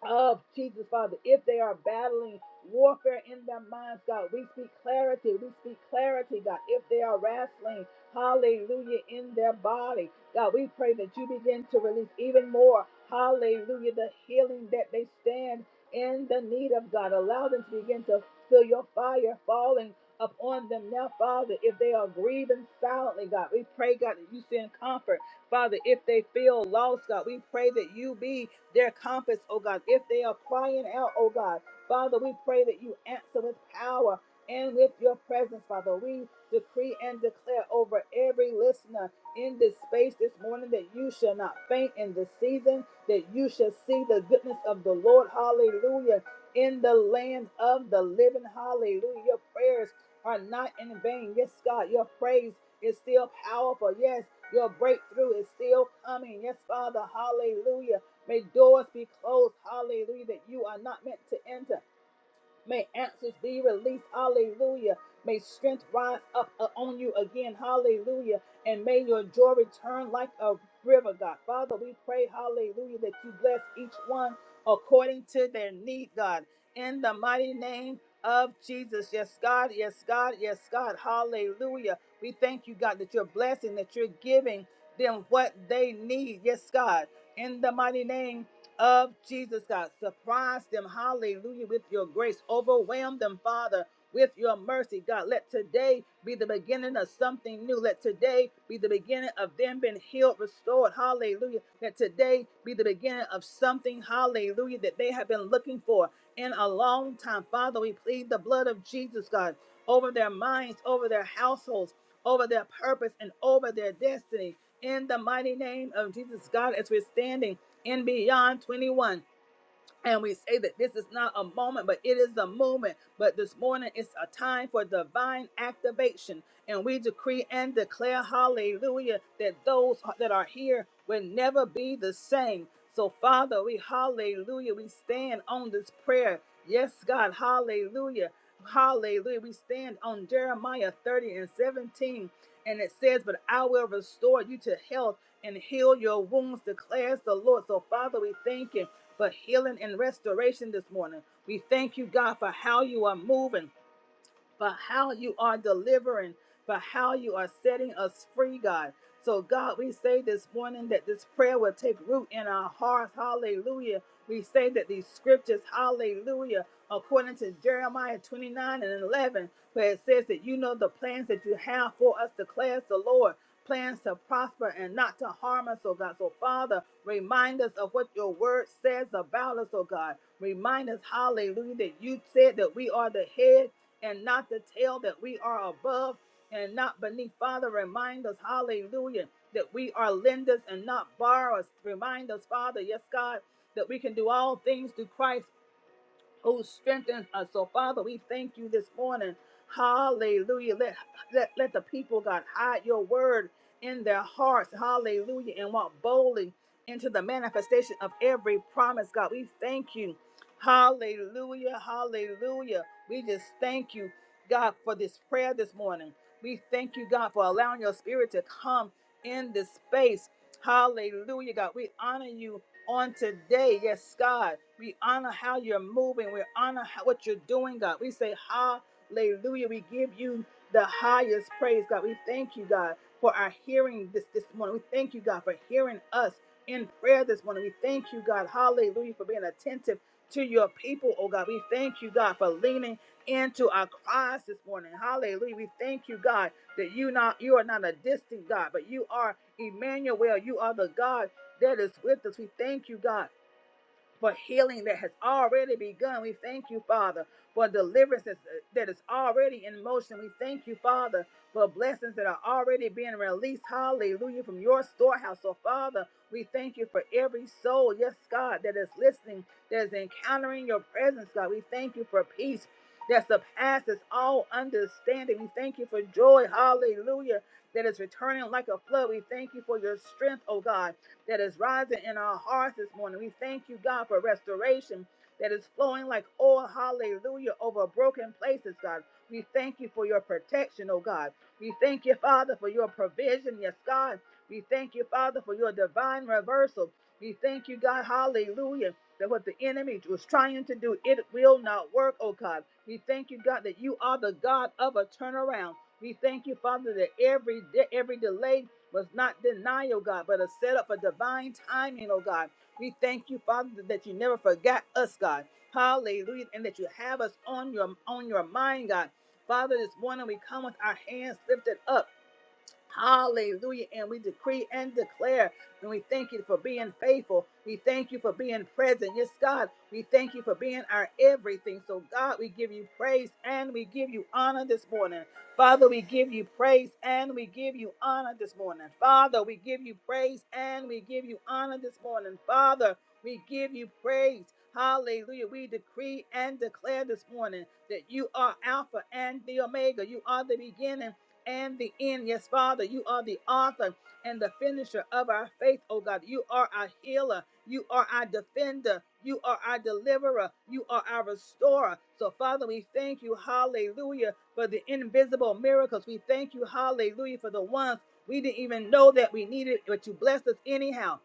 Speaker 1: of Jesus, Father. If they are battling warfare in their minds, God, we speak clarity. We speak clarity, God. If they are wrestling, hallelujah, in their body, God, we pray that you begin to release even more, hallelujah, the healing that they stand in the need of, God. Allow them to begin to feel your fire falling upon them now, Father. If they are grieving silently, God, we pray, God, that you send comfort. Father, if they feel lost, God, we pray that you be their compass, oh God. If they are crying out, oh God, Father, we pray that you answer with power and with your presence, Father. We decree and declare over every listener in this space this morning that you shall not faint in this season, that you shall see the goodness of the Lord. Hallelujah. In the land of the living. Hallelujah. Your prayers are not in vain. Yes, God, your praise is still powerful. Yes, your breakthrough is still coming. Yes, Father. Hallelujah. May doors be closed. Hallelujah. That you are not meant to enter. May answers be released. Hallelujah. May strength rise up uh, on you again. Hallelujah. And may your joy return like a river, God. Father, we pray, hallelujah, that you bless each one according to their need, God. In the mighty name of Jesus. Yes, God. Yes, God. Yes, God. Hallelujah. We thank you, God, that you're blessing, that you're giving them what they need. Yes, God. In the mighty name of Jesus, God. Surprise them, hallelujah, with your grace. Overwhelm them, Father, with your mercy, God. Let today be the beginning of something new. Let today be the beginning of them being healed, restored, hallelujah. Let today be the beginning of something, hallelujah, that they have been looking for in a long time. Father, we plead the blood of Jesus, God, over their minds, over their households, over their purpose, and over their destiny in the mighty name of Jesus God as we're standing in beyond 21. And we say that this is not a moment, but it is a movement. But this morning it's a time for divine activation. And we decree and declare, hallelujah, that those that are here will never be the same. So, Father, we hallelujah, we stand on this prayer. Yes, God, hallelujah. Hallelujah. We stand on Jeremiah 30 and 17. And it says, But I will restore you to health and heal your wounds, declares the Lord. So, Father, we thank you for healing and restoration this morning. We thank you, God, for how you are moving. For how you are delivering, for how you are setting us free, God. So, God, we say this morning that this prayer will take root in our hearts. Hallelujah. We say that these scriptures, hallelujah, according to Jeremiah 29 and 11, where it says that you know the plans that you have for us, declares the Lord plans to prosper and not to harm us, oh God. So, Father, remind us of what your word says about us, oh God. Remind us, hallelujah, that you said that we are the head and not the tail, that we are above and not beneath. Father, remind us, hallelujah, that we are lenders and not borrowers. Remind us, Father, yes, God, that we can do all things through Christ who strengthens us. So, Father, we thank you this morning. Hallelujah. Let, let, let the people, God, hide your word in their hearts. Hallelujah. And walk boldly into the manifestation of every promise, God. We thank you. Hallelujah. Hallelujah. We just thank you, God, for this prayer this morning. We thank you, God, for allowing your spirit to come in this space. Hallelujah, God. We honor you on today. Yes, God, we honor how you're moving. We honor how, what you're doing, God. We say hallelujah. We give you the highest praise, God. We thank you, God, for our hearing this this morning. We thank you, God, for hearing us in prayer this morning. We thank you, God, hallelujah, for being attentive to your people, oh God. We thank you, God, for leaning into our cries this morning. Hallelujah. We thank you, God, that you not you are not a distant God, but you are Emmanuel. You are the God that is with us. We thank you, God, for healing that has already begun. We thank you, Father, for deliverance that's- uh, that is already in motion. We thank you, Father, for blessings that are already being released. Hallelujah. From your storehouse. So, Father, we thank you for every soul, yes, God, that is listening, that is encountering your presence, God. We thank you for peace. That surpasses all understanding. We thank you for joy. Hallelujah. That is returning like a flood. We thank you for your strength, oh God that is rising in our hearts this morning. We thank you, God, for restoration that is flowing like oil, hallelujah, over broken places, God. We thank you for your protection, oh God. We thank you, Father, for your provision, yes, God. We thank you, Father, for your divine reversal. We thank you, God, hallelujah, that what the enemy was trying to do, it will not work, oh God. We thank you, God, that you are the God of a turnaround. We thank you, Father, that every de- every delay was not denied, oh God, but a setup for divine timing, oh God. We thank you, Father, that you never forgot us, God. Hallelujah. And that you have us on your on your mind, God. Father, this morning we come with our hands lifted up. Hallelujah. And we decree and declare. And we thank you for being faithful. We thank you for being present. Yes, God, we thank you for being our everything. So, God, we give you praise and we give you honor this morning. Father, we give you praise and we give you honor this morning. Father, we give you praise and we give you honor this morning. Father, we give you praise. Hallelujah. We decree and declare this morning that you are Alpha and the Omega. You are the beginning and the end. Yes, Father, you are the author and the finisher of our faith, oh God. You are our healer. You are our defender. You are our deliverer. You are our restorer. So, Father, we thank you, hallelujah, for the invisible miracles. We thank you, hallelujah, for the ones we didn't even know that we needed, but you blessed us anyhow.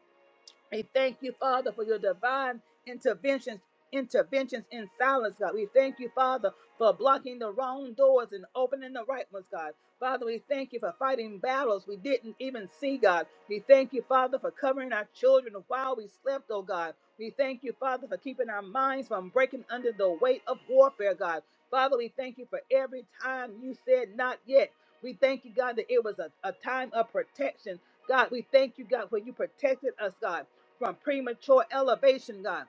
Speaker 1: We thank you, Father, for your divine interventions, interventions in silence, God. We thank you, Father, for blocking the wrong doors and opening the right ones, God. Father, we thank you for fighting battles we didn't even see, God. We thank you, Father, for covering our children while we slept, oh God. We thank you, Father, for keeping our minds from breaking under the weight of warfare, God. Father, we thank you for every time you said not yet. We thank you, God, that it was a, a time of protection. God, we thank you, God, when you protected us, God from premature elevation, God.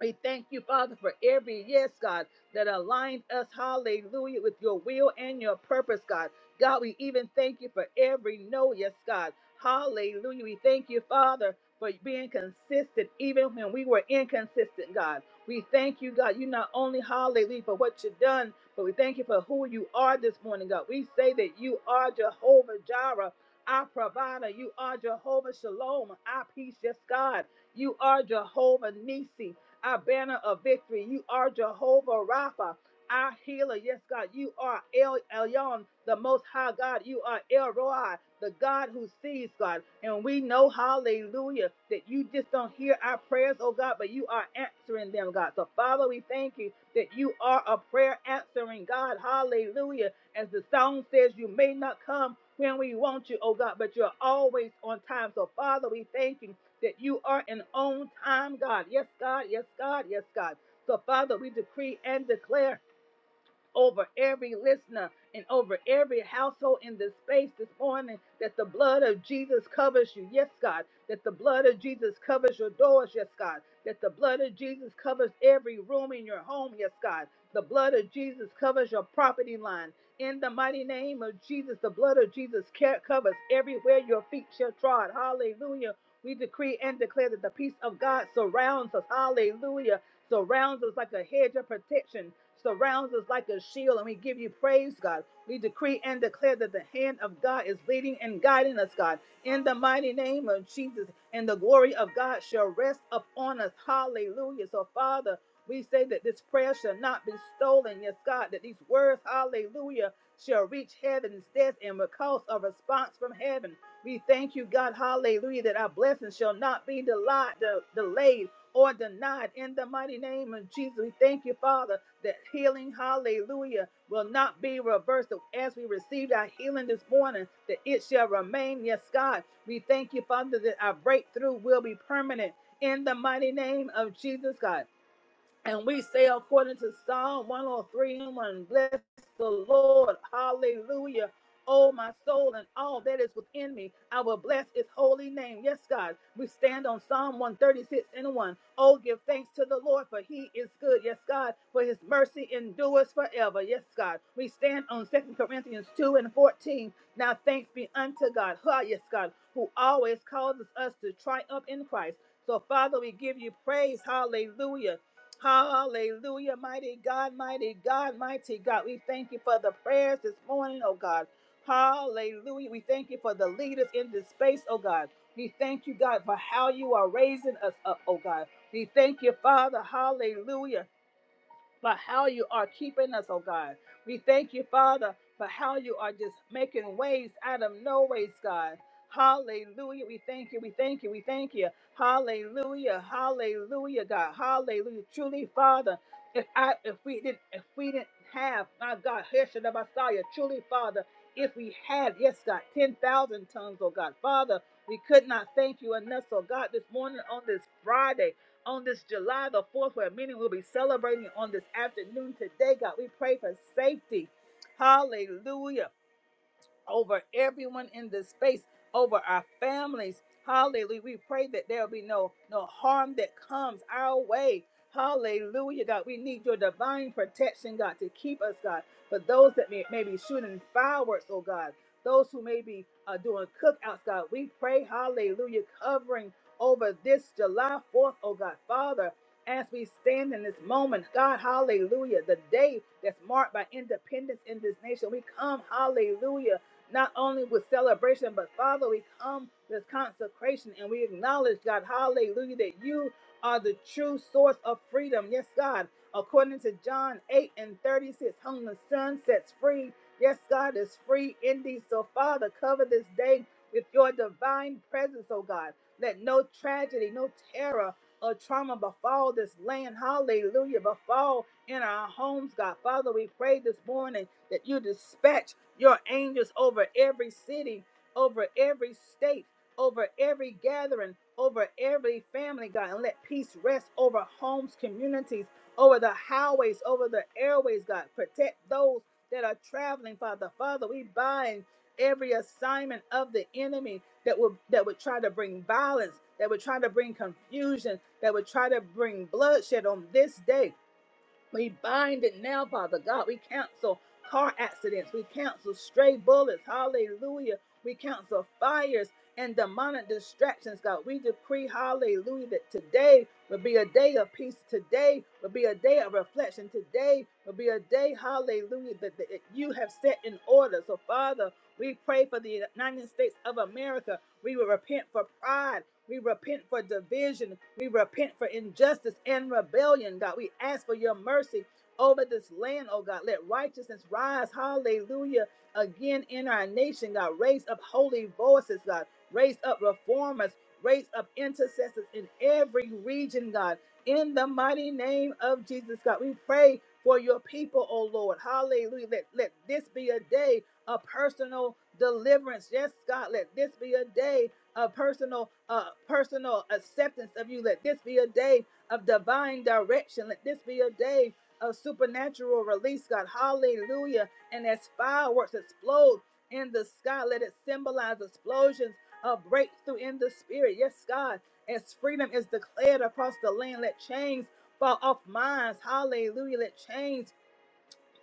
Speaker 1: We thank you, Father, for every yes, God, that aligned us, hallelujah, with your will and your purpose, God. God, we even thank you for every no, yes, God. Hallelujah. We thank you, Father, for being consistent even when we were inconsistent, God. We thank you, God. You not only, hallelujah, for what you've done, but we thank you for who you are this morning, God. We say that you are Jehovah Jireh, our provider. You are Jehovah Shalom, our peace, yes, God. You are Jehovah Nisi our banner of victory. You are Jehovah Rapha, our healer. Yes, God, you are El Elyon, the Most High God. You are El Roi, the God who sees, God. And we know, hallelujah, that you just don't hear our prayers, oh God, but you are answering them, God. So, Father, we thank you that you are a prayer answering God. Hallelujah. As the song says, you may not come when we want you, oh God, but you're always on time. So, Father, we thank you that you are an on time God. Yes, God. Yes, God. Yes, God. So, Father, we decree and declare over every listener and over every household in this space this morning that the blood of Jesus covers you. Yes, God. That the blood of Jesus covers your doors. Yes, God. That the blood of Jesus covers every room in your home. Yes, God. The blood of Jesus covers your property line. In the mighty name of Jesus, the blood of Jesus ca- covers everywhere your feet shall trod. Hallelujah. We decree and declare that the peace of God surrounds us. Hallelujah surrounds us like a hedge of protection, surrounds us like a shield. And we give you praise, God. We decree and declare that the hand of God is leading and guiding us, God. In the mighty name of Jesus, and the glory of God shall rest upon us. Hallelujah. So, Father, we say that this prayer shall not be stolen. Yes, God, that these words, hallelujah, shall reach heaven's death and will cause a response from heaven. We thank you, God, hallelujah, that our blessings shall not be delayed or denied in the mighty name of Jesus. We thank you, Father, that healing, hallelujah, will not be reversed as we received our healing this morning, that it shall remain. Yes, God. We thank you, Father, that our breakthrough will be permanent in the mighty name of Jesus, God. And we say according to Psalm 103 and 1, bless the Lord. Hallelujah. Oh, my soul and all that is within me, I will bless his holy name. Yes, God. We stand on Psalm 136 and 1. Oh, give thanks to the Lord, for he is good. Yes, God. For his mercy endures forever. Yes, God. We stand on Second Corinthians 2 and 14. Now thanks be unto God. Ha, yes, God, who always causes us to triumph in Christ. So, Father, we give you praise. Hallelujah. Hallelujah, mighty God, mighty God, mighty God. We thank you for the prayers this morning, oh God. Hallelujah. We thank you for the leaders in this space, oh God. We thank you, God, for how you are raising us up, oh God. We thank you, Father. Hallelujah for how you are keeping us, oh God. We thank you, Father, for how you are just making ways out of no ways, God. Hallelujah. We thank you. We thank you. We thank you. Hallelujah. Hallelujah, God. Hallelujah. Truly, Father, if I if we didn't if we didn't have my God, Hesha the Messiah, truly, Father, if we had, yes, God, ten thousand tongues, oh God. Father, we could not thank you enough, oh God, this morning on this Friday on this July the 4th, where many will be celebrating on this afternoon. Today, God, we pray for safety. Hallelujah over everyone in this space, over our families. Hallelujah. We pray that there'll be no no harm that comes our way. Hallelujah, God. We need your divine protection, God, to keep us, God. For those that may, may be shooting fireworks, oh God, those who may be uh, doing cookouts, God, we pray, hallelujah, covering over this July 4th, oh God. Father, as we stand in this moment, God, hallelujah, the day that's marked by independence in this nation, we come, hallelujah not only with celebration, but Father, we come with consecration and we acknowledge, God, hallelujah, that you are the true source of freedom. Yes, God, according to John 8 and 36, whom the Son sets free. Yes, God is free indeed. So, Father, cover this day with your divine presence, oh God. Let no tragedy, no terror, or trauma befall this land. Hallelujah. Befall in our homes, God. Father, we pray this morning that you dispatch your angels over every city, over every state, over every gathering, over every family, God, and let peace rest over homes, communities, over the highways, over the airways, God. Protect those that are traveling, Father. Father, we bind every assignment of the enemy that would that would try to bring violence, that would try to bring confusion, that would try to bring bloodshed on this day. We bind it now, Father God. We cancel car accidents. We cancel stray bullets. Hallelujah. We cancel fires and demonic distractions, God. We decree, hallelujah, that today will be a day of peace. Today will be a day of reflection. Today will be a day, hallelujah, that, that you have set in order. So, Father, we pray for the United States of America. We will repent for pride. We repent for division. We repent for injustice and rebellion, God. We ask for your mercy over this land, oh God. Let righteousness rise, hallelujah, again in our nation, God. Raise up holy voices, God. Raise up reformers. Raise up intercessors in every region, God. In the mighty name of Jesus, God, we pray for your people, oh Lord. Hallelujah. Let, let this be a day of personal deliverance. Yes, God, let this be a day a personal uh personal acceptance of you let this be a day of divine direction let this be a day of supernatural release god hallelujah and as fireworks explode in the sky let it symbolize explosions of breakthrough in the spirit yes god as freedom is declared across the land let chains fall off minds hallelujah let chains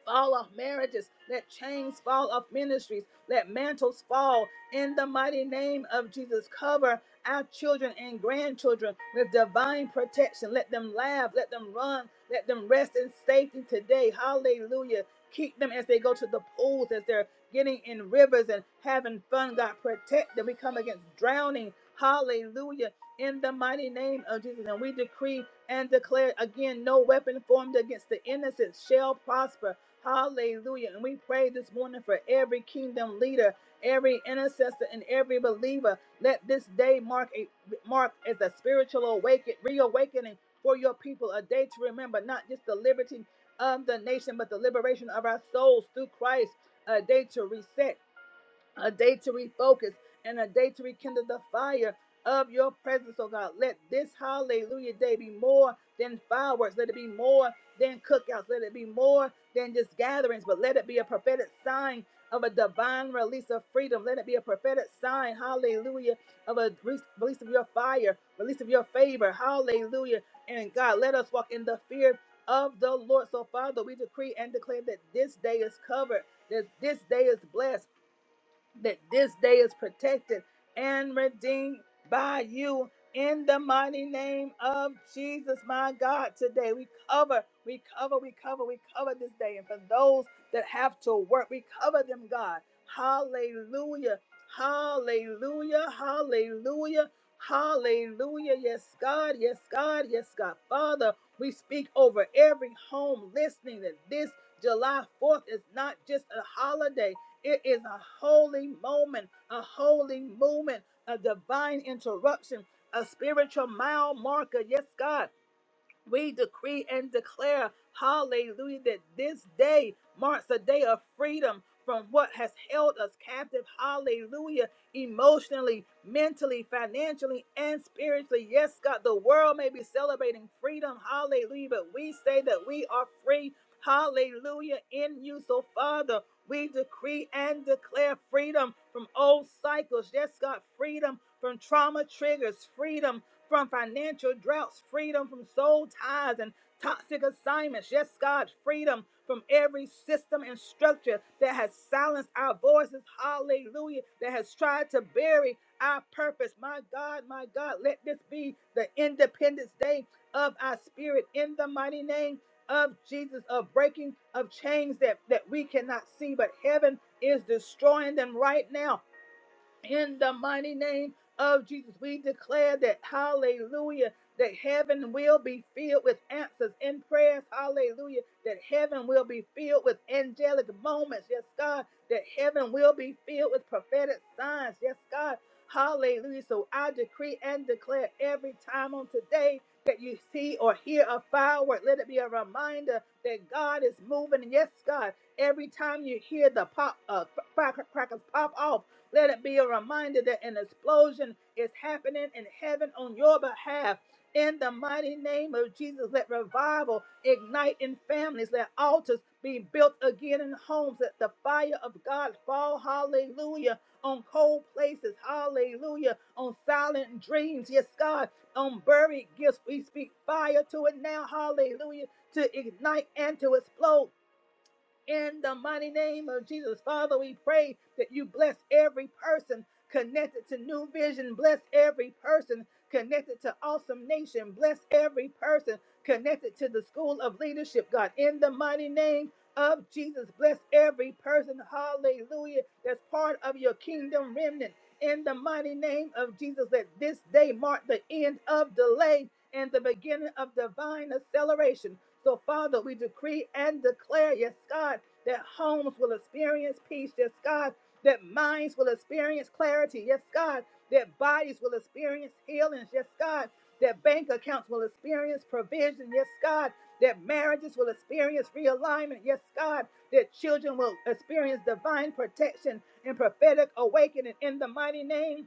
Speaker 1: fall off marriages. Let chains fall off ministries. Let mantles fall in the mighty name of Jesus. Cover our children and grandchildren with divine protection. Let them laugh. Let them run. Let them rest in safety today. Hallelujah. Keep them as they go to the pools, as they're getting in rivers and having fun. God, protect them. We come against drowning. Hallelujah. In the mighty name of Jesus. And we decree and declare again no weapon formed against the innocent shall prosper. Hallelujah. And we pray this morning for every kingdom leader, every intercessor, and every believer. Let this day mark a mark as a spiritual awaken, reawakening for your people, a day to remember not just the liberty of the nation, but the liberation of our souls through Christ, a day to reset a day to refocus and a day to rekindle the fire of your presence, oh God. Let this hallelujah day be more than fireworks. Let it be more than cookouts. Let it be more than just gatherings, but let it be a prophetic sign of a divine release of freedom. Let it be a prophetic sign, hallelujah, of a re- release of your fire, release of your favor, hallelujah. And God, let us walk in the fear of the Lord. So, Father, we decree and declare that this day is covered, that this day is blessed that this day is protected and redeemed by you in the mighty name of Jesus, my God. Today we cover, we cover, we cover, we cover this day. And for those that have to work, we cover them, God. Hallelujah. Hallelujah. Hallelujah. Hallelujah. Yes, God. Yes, God. Yes, God. Father, we speak over every home listening that this July 4th is not just a holiday it is a holy moment, a holy movement, a divine interruption, a spiritual mile marker. Yes, God. We decree and declare, hallelujah, that this day marks a day of freedom from what has held us captive, hallelujah, emotionally, mentally, financially, and spiritually. Yes, God, the world may be celebrating freedom, hallelujah, but we say that we are free, hallelujah, in you. So, Father, we decree and declare freedom from old cycles. Yes, God, freedom from trauma triggers, freedom from financial droughts, freedom from soul ties and toxic assignments. Yes, God, freedom from every system and structure that has silenced our voices. Hallelujah. That has tried to bury our purpose. My God, my God, let this be the Independence Day of our spirit in the mighty name of Jesus, of breaking of chains that, that we cannot see, but heaven is destroying them right now in the mighty name of Jesus, we declare that, hallelujah, that heaven will be filled with answers in prayers, hallelujah, that heaven will be filled with angelic moments, yes, God, that heaven will be filled with prophetic signs, yes, God, hallelujah. So I decree and declare every time on today that you see or hear a firework, let it be a reminder that God is moving, yes, God, every time you hear the pop, uh, firecrackers pop off. Let it be a reminder that an explosion is happening in heaven on your behalf. In the mighty name of Jesus, let revival ignite in families, let altars be built again in homes, let the fire of God fall, hallelujah, on cold places, hallelujah, on silent dreams, yes, God, on buried gifts. We speak fire to it now, hallelujah, to ignite and to explode in the mighty name of Jesus. Father, we pray that you bless every person connected to New Vision, bless every person connected to Awesome Nation, bless every person connected to the School of Leadership, God, in the mighty name of Jesus. Bless every person, hallelujah, that's part of your kingdom remnant. In the mighty name of Jesus, let this day mark the end of delay and the beginning of divine acceleration. So, Father, we decree and declare, yes, God that homes will experience peace. Yes, God, that minds will experience clarity. Yes, God, that bodies will experience healings. Yes, God, that bank accounts will experience provision. Yes, God, that marriages will experience realignment. Yes, God, that children will experience divine protection and prophetic awakening in the mighty name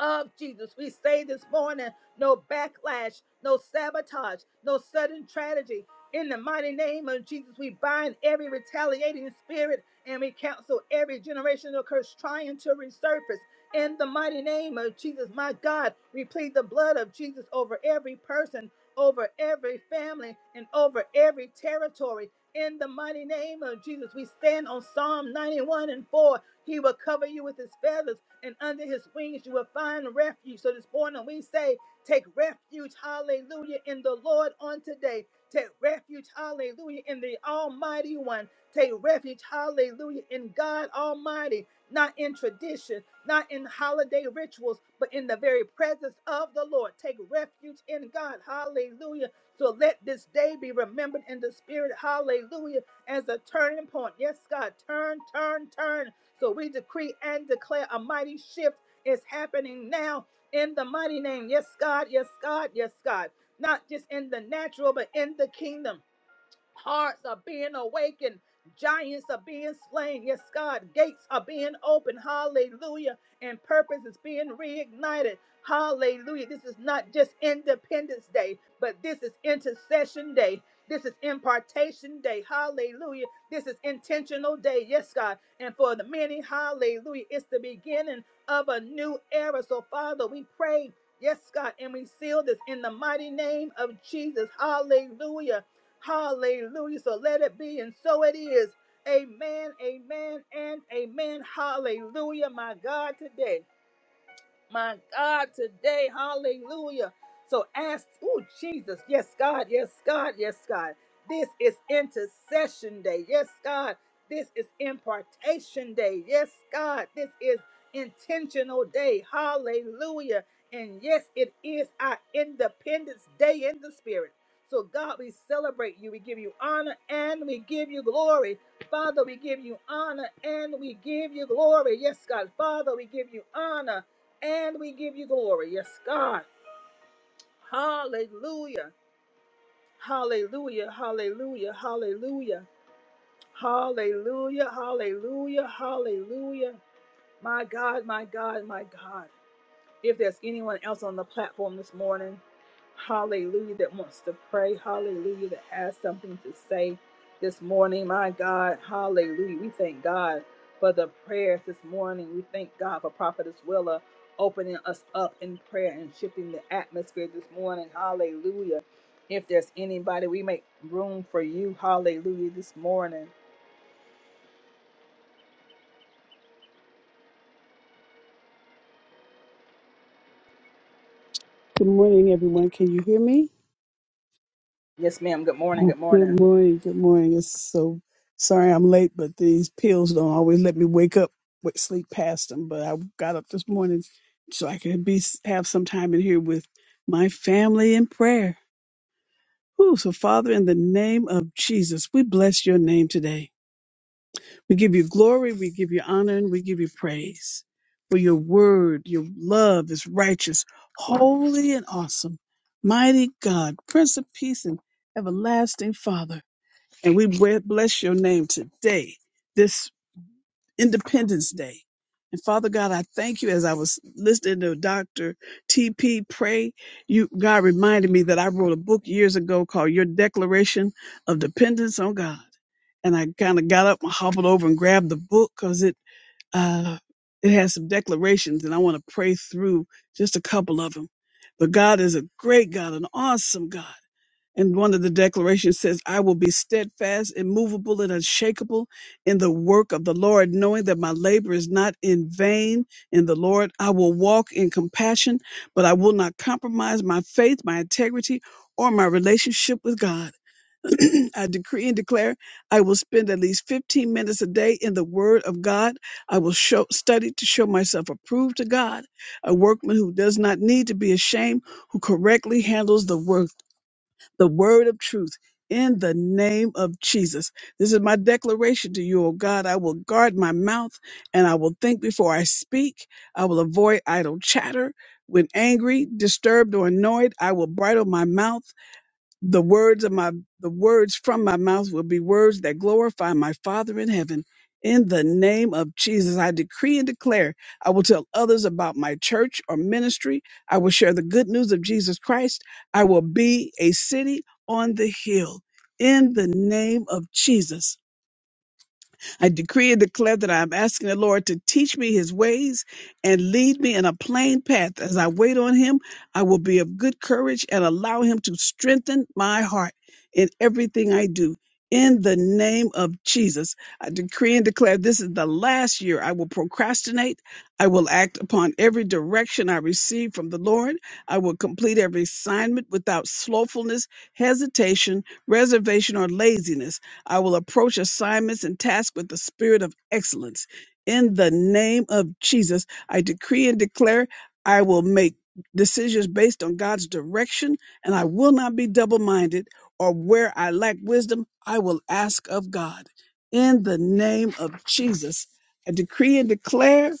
Speaker 1: of Jesus. We say this morning no backlash, no sabotage, no sudden tragedy. In the mighty name of Jesus, we bind every retaliating spirit and we counsel every generational curse trying to resurface. In the mighty name of Jesus, my God, we plead the blood of Jesus over every person, over every family, and over every territory. In the mighty name of Jesus, we stand on Psalm 91 and 4. He will cover you with his feathers and under his wings you will find refuge. So this morning we say, take refuge, hallelujah, in the Lord on today. Take refuge, hallelujah, in the Almighty One. Take refuge, hallelujah, in God Almighty, not in tradition, not in holiday rituals, but in the very presence of the Lord. Take refuge in God, hallelujah. So let this day be remembered in the spirit, hallelujah, as a turning point. Yes, God, turn, turn, turn. So we decree and declare a mighty shift is happening now in the mighty name. Yes, God. Yes, God. Yes, God. Not just in the natural, but in the kingdom. Hearts are being awakened. Giants are being slain. Yes, God. Gates are being opened. Hallelujah. And purpose is being reignited. Hallelujah. This is not just Independence Day, but this is Intercession Day. This is impartation day. Hallelujah. This is intentional day. Yes, God. And for the many, hallelujah. It's the beginning of a new era. So, Father, we pray. Yes, God. And we seal this in the mighty name of Jesus. Hallelujah. Hallelujah. So let it be, and so it is. Amen, amen, and amen. Hallelujah, my God, today my God, today. Hallelujah. So ask, oh, Jesus. Yes, God. Yes, God. Yes, God. This is intercession day. Yes, God. This is impartation day. Yes, God. This is intentional day. Hallelujah. And yes, it is our independence day in the spirit. So, God, we celebrate you. We give you honor and we give you glory. Father, we give you honor and we give you glory. Yes, God. Father, we give you honor and we give you glory. Yes, God. Hallelujah. Hallelujah. Hallelujah. Hallelujah. Hallelujah. Hallelujah. Hallelujah. My God, my God, my God. If there's anyone else on the platform this morning, hallelujah, that wants to pray, hallelujah, that has something to say this morning, my God, hallelujah. We thank God for the prayers this morning. We thank God for Prophetess Willa opening us up in prayer and shifting the atmosphere this morning, hallelujah. If there's anybody, we make room for you, hallelujah, this morning.
Speaker 4: Good morning, everyone. Can you hear me?
Speaker 1: Yes, ma'am. Good morning. Good
Speaker 4: Good
Speaker 1: morning.
Speaker 4: morning. Good morning. It's so sorry I'm late, but these pills don't always let me wake up with sleep past them. But I got up this morning so I could be have some time in here with my family in prayer. Whew, so, Father, in the name of Jesus, we bless your name today. We give you glory, we give you honor, and we give you praise. For your word, your love is righteous, holy, and awesome. Mighty God, Prince of Peace, and everlasting Father. And we bless your name today. This. Independence Day. And Father God, I thank you as I was listening to Dr. TP pray. You, God reminded me that I wrote a book years ago called Your Declaration of Dependence on God. And I kind of got up and hobbled over and grabbed the book because it, uh, it has some declarations and I want to pray through just a couple of them. But God is a great God, an awesome God. And one of the declarations says, I will be steadfast, immovable, and unshakable in the work of the Lord, knowing that my labor is not in vain in the Lord. I will walk in compassion, but I will not compromise my faith, my integrity, or my relationship with God. I decree and declare I will spend at least 15 minutes a day in the Word of God. I will show, study to show myself approved to God, a workman who does not need to be ashamed, who correctly handles the work the word of truth in the name of Jesus. This is my declaration to you, O God. I will guard my mouth and I will think before I speak. I will avoid idle chatter. When angry, disturbed, or annoyed, I will bridle my mouth the words of my the words from my mouth will be words that glorify my father in heaven in the name of jesus i decree and declare i will tell others about my church or ministry i will share the good news of jesus christ i will be a city on the hill in the name of jesus I decree and declare that I am asking the Lord to teach me his ways and lead me in a plain path. As I wait on him, I will be of good courage and allow him to strengthen my heart in everything I do. In the name of Jesus, I decree and declare this is the last year I will procrastinate. I will act upon every direction I receive from the Lord. I will complete every assignment without slothfulness, hesitation, reservation, or laziness. I will approach assignments and tasks with the spirit of excellence. In the name of Jesus, I decree and declare I will make decisions based on God's direction and I will not be double minded or where I lack wisdom, I will ask of God. In the name of Jesus, I decree and declare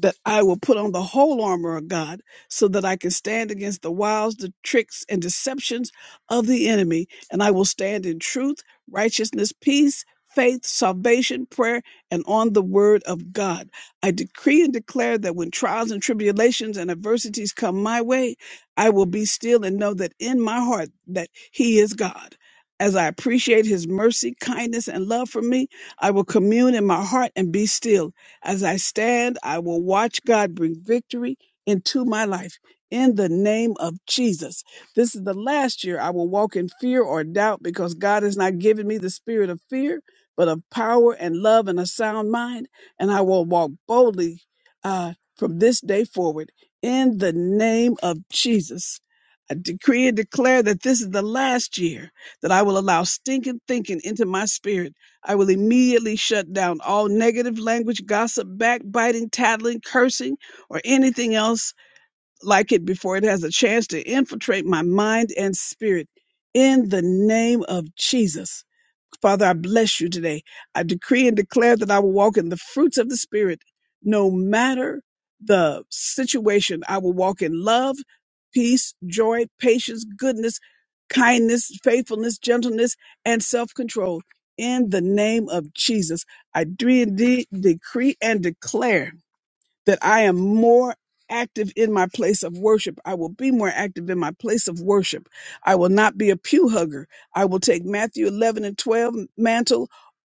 Speaker 4: that I will put on the whole armor of God so that I can stand against the wiles, the tricks, and deceptions of the enemy. And I will stand in truth righteousness, peace, faith, salvation, prayer, and on the word of God. I decree and declare that when trials and tribulations and adversities come my way, I will be still and know that in my heart that he is God. As I appreciate his mercy, kindness, and love for me, I will commune in my heart and be still. As I stand, I will watch God bring victory into my life. In the name of Jesus. This is the last year I will walk in fear or doubt because God has not given me the spirit of fear, but of power and love and a sound mind. And I will walk boldly uh, from this day forward in the name of Jesus. I decree and declare that this is the last year that I will allow stinking thinking into my spirit. I will immediately shut down all negative language, gossip, backbiting, tattling, cursing, or anything else like it before it has a chance to infiltrate my mind and spirit. In the name of Jesus. Father, I bless you today. I decree and declare that I will walk in the fruits of the Spirit no matter the situation. I will walk in love, peace, joy, patience, goodness, kindness, faithfulness, gentleness, and self control. In the name of Jesus, I do indeed decree and declare that I am more active in my place of worship. I will be more active in my place of worship. I will not be a pew hugger. I will take Matthew 11 and 12 mantle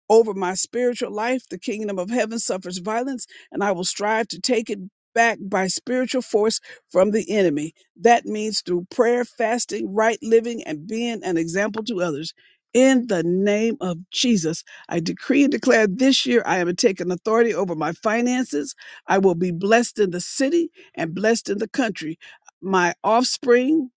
Speaker 4: over my spiritual life. The kingdom of heaven suffers violence, and I will strive to take it back by spiritual force from the enemy. That means through prayer, fasting, right living, and being an example to others. In the name of Jesus, I decree and declare this year I am taking authority over my finances. I will be blessed in the city and blessed in the country. My offspring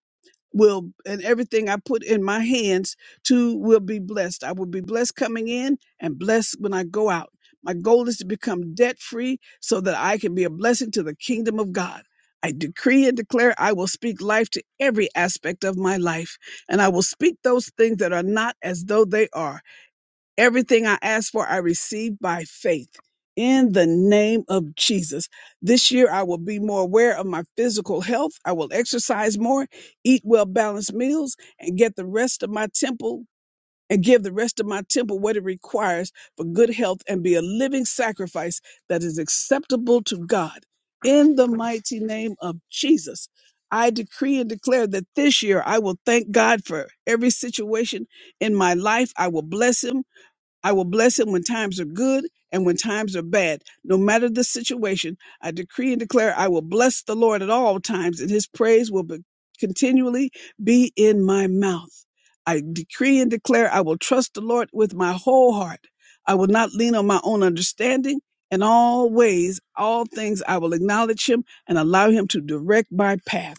Speaker 4: will and everything I put in my hands to will be blessed. I will be blessed coming in and blessed when I go out. My goal is to become debt free so that I can be a blessing to the kingdom of God. I decree and declare I will speak life to every aspect of my life, and I will speak those things that are not as though they are. Everything I ask for, I receive by faith. In the name of Jesus. This year, I will be more aware of my physical health. I will exercise more, eat well balanced meals, and get the rest of my temple and give the rest of my temple what it requires for good health and be a living sacrifice that is acceptable to God. In the mighty name of Jesus, I decree and declare that this year I will thank God for every situation in my life. I will bless Him I will bless him when times are good and when times are bad. No matter the situation, I decree and declare I will bless the Lord at all times, and his praise will be, continually be in my mouth. I decree and declare I will trust the Lord with my whole heart. I will not lean on my own understanding. In all ways, all things, I will acknowledge him and allow him to direct my path.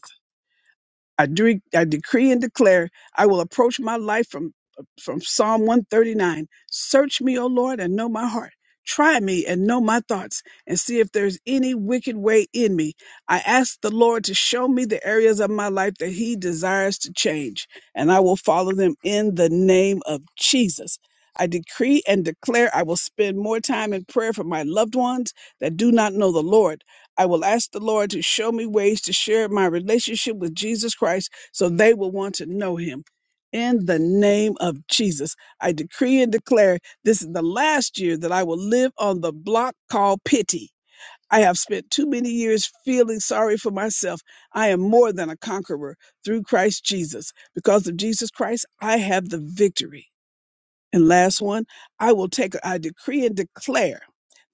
Speaker 4: I, dre- I decree and declare I will approach my life from from Psalm 139. Search me, O Lord, and know my heart. Try me and know my thoughts, and see if there's any wicked way in me. I ask the Lord to show me the areas of my life that He desires to change, and I will follow them in the name of Jesus. I decree and declare I will spend more time in prayer for my loved ones that do not know the Lord. I will ask the Lord to show me ways to share my relationship with Jesus Christ so they will want to know him. In the name of Jesus, I decree and declare this is the last year that I will live on the block called pity. I have spent too many years feeling sorry for myself. I am more than a conqueror through Christ Jesus. Because of Jesus Christ, I have the victory. And last one, I will take, I decree and declare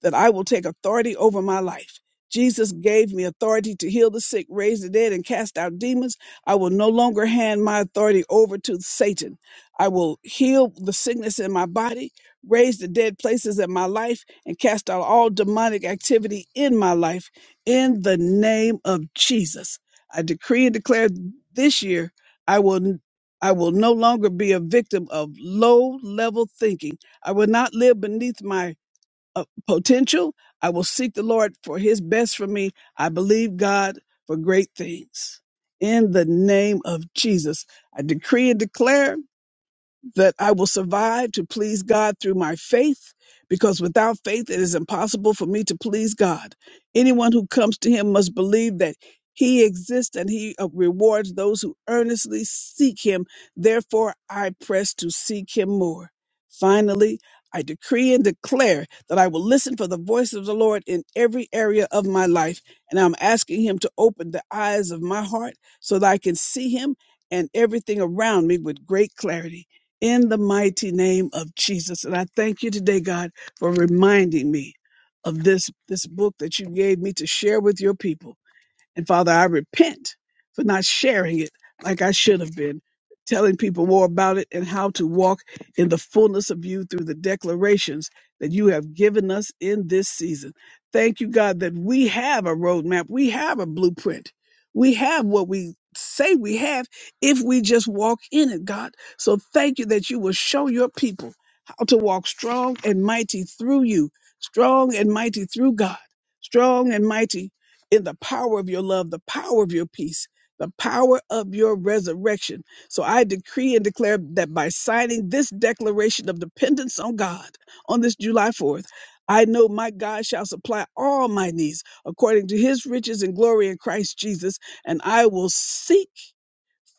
Speaker 4: that I will take authority over my life. Jesus gave me authority to heal the sick, raise the dead, and cast out demons. I will no longer hand my authority over to Satan. I will heal the sickness in my body, raise the dead places in my life, and cast out all demonic activity in my life in the name of Jesus. I decree and declare this year, I will. I will no longer be a victim of low level thinking. I will not live beneath my uh, potential. I will seek the Lord for his best for me. I believe God for great things. In the name of Jesus, I decree and declare that I will survive to please God through my faith, because without faith it is impossible for me to please God. Anyone who comes to him must believe that he exists and he uh, rewards those who earnestly seek him. Therefore, I press to seek him more. Finally, I decree and declare that I will listen for the voice of the Lord in every area of my life, and I'm asking him to open the eyes of my heart so that I can see him and everything around me with great clarity in the mighty name of Jesus. And I thank you today, God, for reminding me of this, this book that you gave me to share with your people. And Father, I repent for not sharing it like I should have been, telling people more about it and how to walk in the fullness of you through the declarations that you have given us in this season. Thank you, God, that we have a roadmap, we have a blueprint, we have what we say we have if we just walk in it, God. So thank you that you will show your people how to walk strong and mighty through you, strong and mighty through God strong and mighty in the power of your love, the power of your peace, the power of your resurrection. So I decree and declare that by signing this declaration of dependence on God on this July 4th, I know my God shall supply all my needs according to his riches and glory in Christ Jesus, and I will seek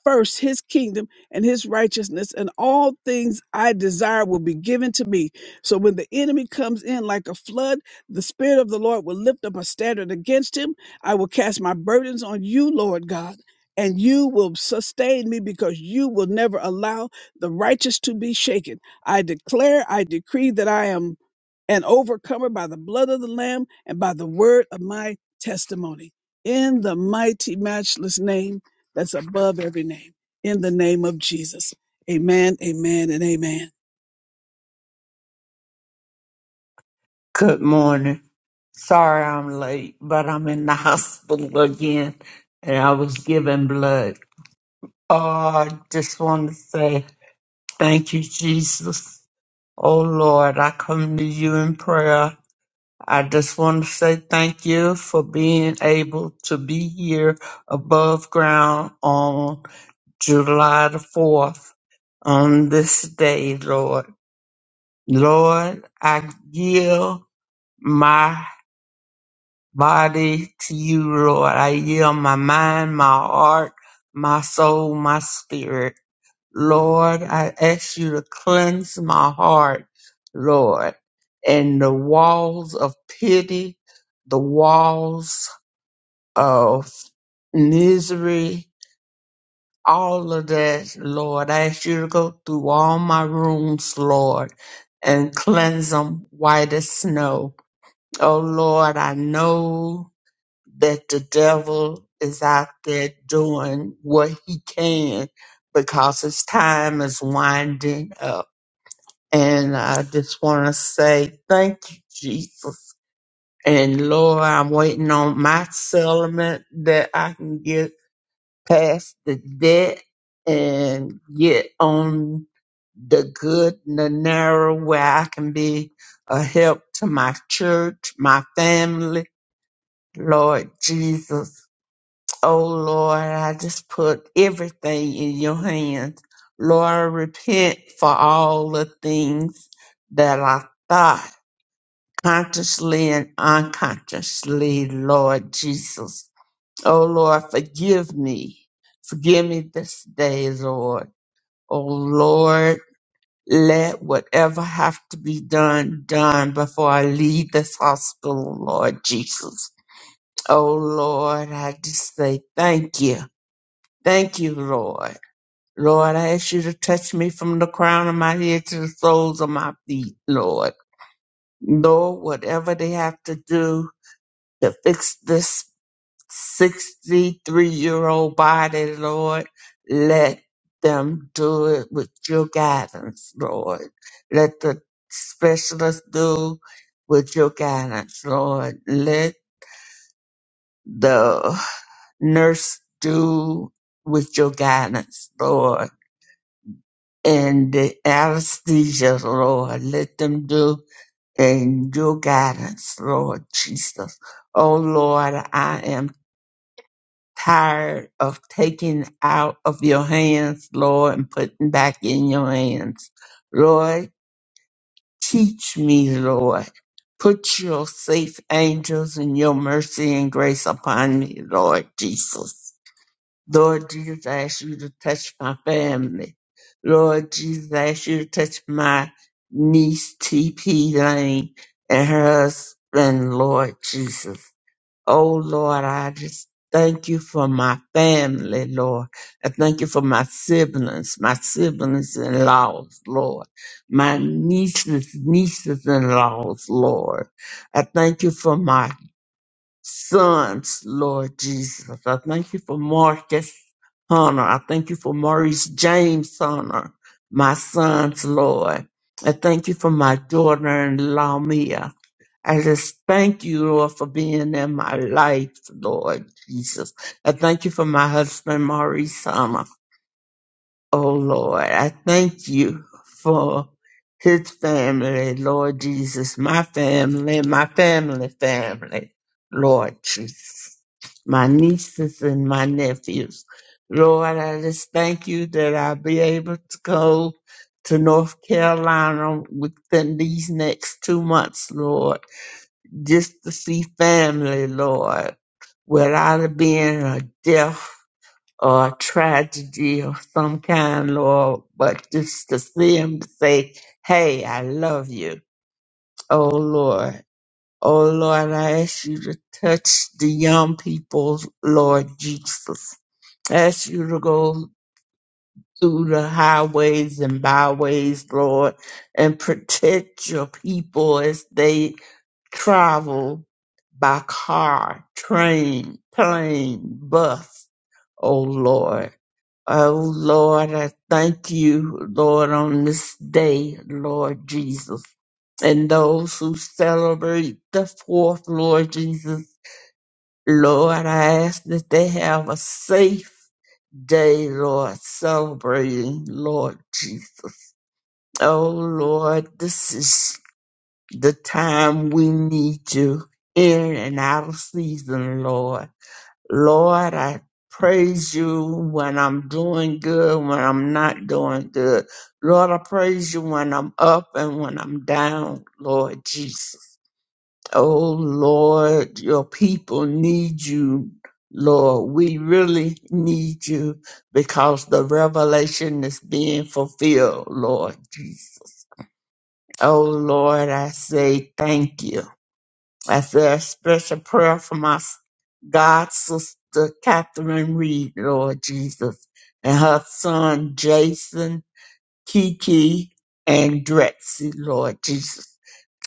Speaker 4: first his kingdom and his righteousness, and all things I desire will be given to me. So when the enemy comes in like a flood, the Spirit of the Lord will lift up a standard against him. I will cast my burdens on you, Lord God. And you will sustain me because you will never allow the righteous to be shaken. I declare, I decree that I am and overcomer by the blood of the Lamb and by the word of my testimony. In the mighty, matchless name that's above every name, in the name of Jesus. Amen, amen, and amen.
Speaker 5: Good morning. Sorry I'm late, but I'm in the hospital again and I was giving blood. Oh, I just want to say thank you, Jesus. Oh Lord, I come to you in prayer. I just want to say thank you for being able to be here above ground on July the 4th on this day, Lord. Lord, I give my body to you, Lord. I yield my mind, my heart, my soul, my spirit. Lord, I ask you to cleanse my heart, Lord, and the walls of pity, the walls of misery, all of that, Lord. I ask you to go through all my rooms, Lord, and cleanse them white as snow. Oh, Lord, I know that the devil is out there doing what he can because his time is winding up. And I just want to say thank you, Jesus. And Lord, I'm waiting on my settlement that I can get past the debt and get on the good and the narrow where I can be a help to my church, my family. Lord Jesus. Oh Lord, I just put everything in your hands. Lord, I repent for all the things that I thought consciously and unconsciously, Lord Jesus. Oh Lord, forgive me. Forgive me this day, Lord. Oh Lord, let whatever have to be done, done before I leave this hospital, Lord Jesus. Oh Lord, I just say thank you. Thank you, Lord. Lord, I ask you to touch me from the crown of my head to the soles of my feet, Lord. Lord, whatever they have to do to fix this 63 year old body, Lord, let them do it with your guidance, Lord. Let the specialist do with your guidance, Lord. Let the nurse do with your guidance, Lord and the anesthesia, Lord. Let them do in your guidance, Lord Jesus. Oh Lord, I am tired of taking out of your hands, Lord, and putting back in your hands. Lord, teach me, Lord. Put your safe angels and your mercy and grace upon me, Lord Jesus. Lord Jesus, I ask you to touch my family. Lord Jesus, I ask you to touch my niece TP Lane and her husband, Lord Jesus. Oh Lord, I just thank you for my family, Lord. I thank you for my siblings, my siblings in laws, Lord. My nieces, nieces in laws, Lord. I thank you for my sons, Lord Jesus. I thank you for Marcus Hunter. I thank you for Maurice James Hunter, my sons, Lord. I thank you for my daughter in law, Mia. I just thank you, Lord, for being in my life, Lord Jesus. I thank you for my husband, Maurice Hunter. Oh Lord, I thank you for his family, Lord Jesus, my family, my family, family, Lord Jesus, my nieces and my nephews. Lord, I just thank you that I'll be able to go to North Carolina within these next two months, Lord, just to see family, Lord, without it being a death or a tragedy of some kind, Lord, but just to see him to say, Hey, I love you. Oh Lord. Oh Lord, I ask you to touch the young people, Lord Jesus. I ask you to go through the highways and byways, Lord, and protect your people as they travel by car, train, plane, bus, oh Lord. Oh Lord, I thank you, Lord, on this day, Lord Jesus. And those who celebrate the fourth, Lord Jesus, Lord, I ask that they have a safe day, Lord, celebrating, Lord Jesus. Oh Lord, this is the time we need you in and out of season, Lord. Lord, I praise you when I'm doing good, when I'm not doing good. Lord, I praise you when I'm up and when I'm down, Lord Jesus. Oh, Lord, your people need you, Lord. We really need you because the revelation is being fulfilled, Lord Jesus. Oh, Lord, I say thank you. I That's a special prayer for my s- God sister Catherine Reed, Lord Jesus, and her son Jason, Kiki, and Drexy, Lord Jesus.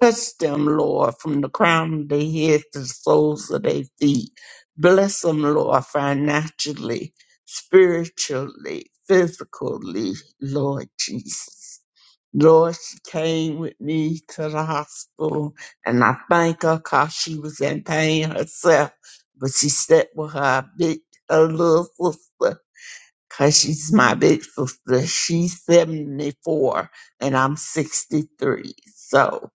Speaker 5: Touch them, Lord, from the crown of their head to the soles of their feet. Bless them, Lord, financially, spiritually, physically, Lord Jesus. Lord, she came with me to the hospital, and I thank her 'cause she was in pain herself. But she stepped with her big, her little sister, 'cause she's my big sister. She's 74, and I'm 63. So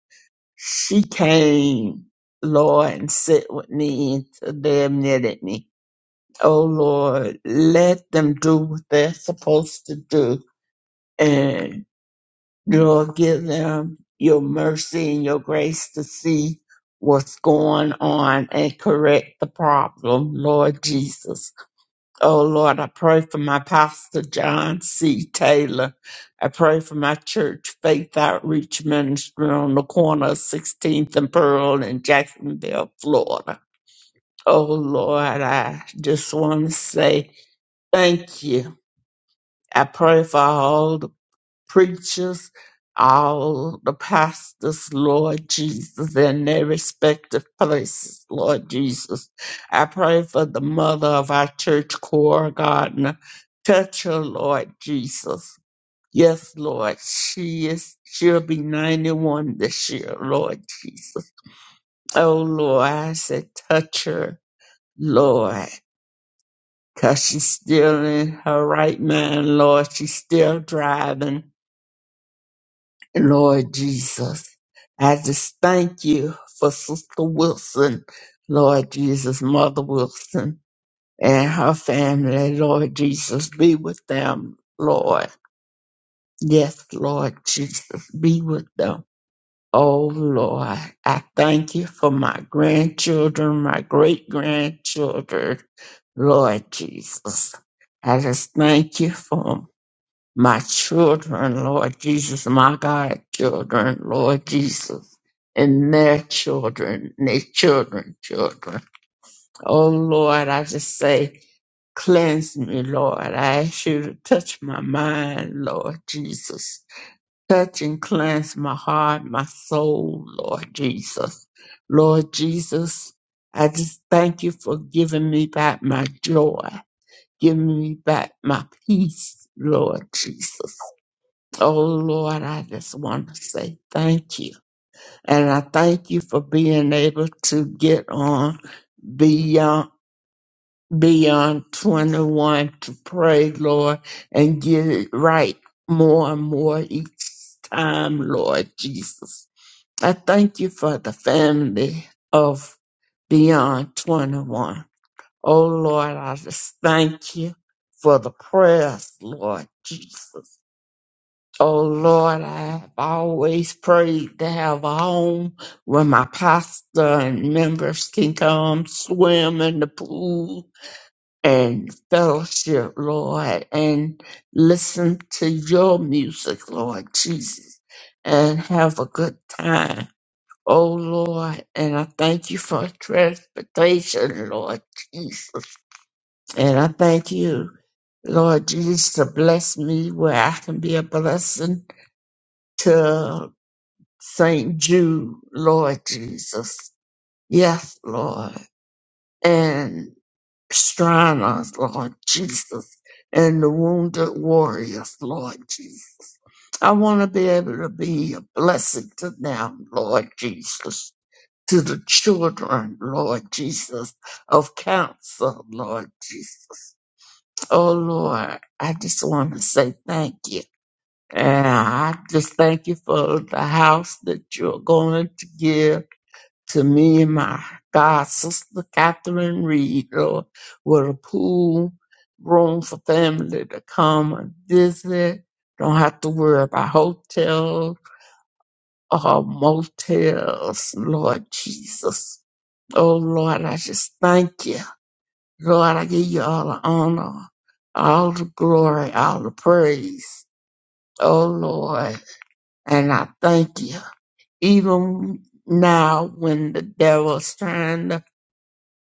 Speaker 5: she came, Lord, and sit with me until they admitted me. Oh, Lord, let them do what they're supposed to do. and. Lord, give them your mercy and your grace to see what's going on and correct the problem, Lord Jesus. Oh, Lord, I pray for my pastor, John C. Taylor. I pray for my church, Faith Outreach Ministry on the corner of 16th and Pearl in Jacksonville, Florida. Oh, Lord, I just want to say thank you. I pray for all the preachers, all the pastors, Lord Jesus, in their respective places, Lord Jesus. I pray for the mother of our church, Cora Gardner. Touch her, Lord Jesus. Yes, Lord, she is. She'll be 91 this year, Lord Jesus. Oh, Lord, I said, touch her, Lord, because she's still in her right mind, Lord. She's still driving. Lord Jesus. I just thank you for Sister Wilson, Lord Jesus, Mother Wilson, and her family, Lord Jesus. Be with them, Lord. Yes, Lord Jesus, be with them. Oh, Lord, I thank you for my grandchildren, my great grandchildren, Lord Jesus. I just thank you for 'em my children, Lord Jesus, my God, children, Lord Jesus, and their children, their children, children. Oh Lord, I just say, cleanse me, Lord. I ask you to touch my mind, Lord Jesus. Touch and cleanse my heart, my soul, Lord Jesus. Lord Jesus, I just thank you for giving me back my joy, giving me back my peace, Lord Jesus. Oh Lord, I just want to say thank you. And I thank you for being able to get on beyond beyond 21 to pray, Lord, and get it right more and more each time, Lord Jesus. I thank you for the family of beyond 21. Oh Lord, I just thank you for the prayers, Lord Jesus. Oh Lord, I have always prayed to have a home where my pastor and members can come swim in the pool and fellowship, Lord, and listen to your music, Lord Jesus, and have a good time. Oh Lord, and I thank you for transportation, Lord Jesus. And I thank you, Lord Jesus, to bless me where I can be a blessing to St. Jude, Lord Jesus. Yes, Lord. And strengthen us, Lord Jesus. And the wounded warriors, Lord Jesus. I want to be able to be a blessing to them, Lord Jesus. To the children, Lord Jesus, of counsel, Lord Jesus. Oh, Lord, I just want to say thank you. And I just thank you for the house that you're going to give to me and my God sister Catherine Reed, Lord, with a pool room for family to come and visit. Don't have to worry about hotels or motels, Lord Jesus. Oh Lord, I just thank you. Lord, I give you all the honor, all the glory, all the praise. Oh Lord, and I thank you. Even now when the devil's trying to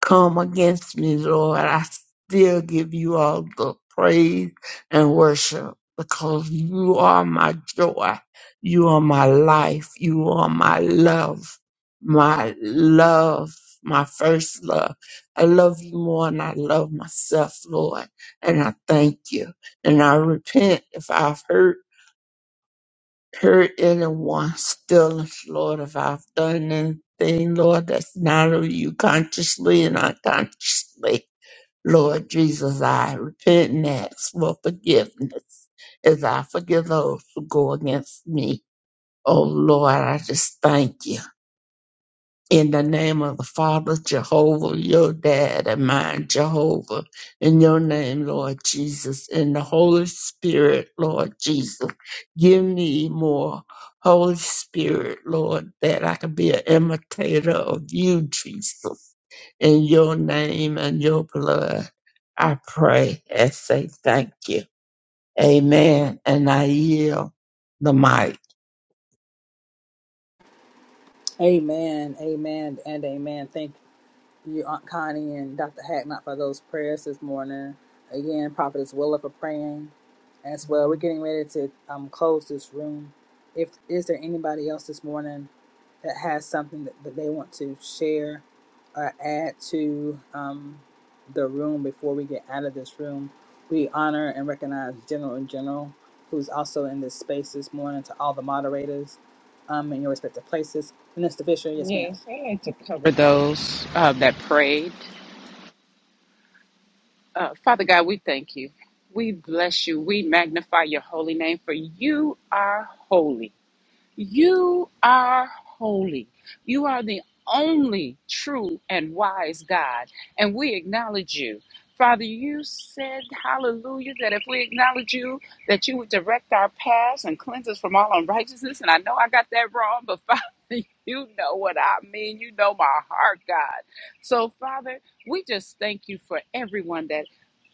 Speaker 5: come against me, Lord, I still give you all the praise and worship because you are my joy. You are my life. You are my love. My love, my first love. I love you more than I love myself, Lord. And I thank you. And I repent if I've hurt hurt anyone still Lord, if I've done anything, Lord, that's not of you consciously and unconsciously. Lord Jesus, I repent and ask for forgiveness as I forgive those who go against me. Oh Lord, I just thank you. In the name of the Father, Jehovah, your dad and mine, Jehovah. In your name, Lord Jesus. In the Holy Spirit, Lord Jesus. Give me more Holy Spirit, Lord, that I can be an imitator of you, Jesus. In your name and your blood, I pray and say thank you. Amen. And I yield the mic.
Speaker 1: Amen, amen, and amen. Thank you, Aunt Connie, and Dr. Hacknott for those prayers this morning. Again, Prophetess Willa for praying as well. We're getting ready to um, close this room. If is there anybody else this morning that has something that, that they want to share or add to um, the room before we get out of this room, we honor and recognize General and General, who's also in this space this morning. To all the moderators um, in your respective places, Minister Fisher, yes, ma'am.
Speaker 6: Yes, i like to cover those uh, that prayed. Uh, Father God, we thank you. We bless you. We magnify your holy name, for you are holy. You are holy. You are the only true and wise God, and we acknowledge you. Father, you said, hallelujah, that if we acknowledge you, that you would direct our paths and cleanse us from all unrighteousness. And I know I got that wrong, but Father, you know what I mean. You know my heart, God. So, Father, we just thank you for everyone that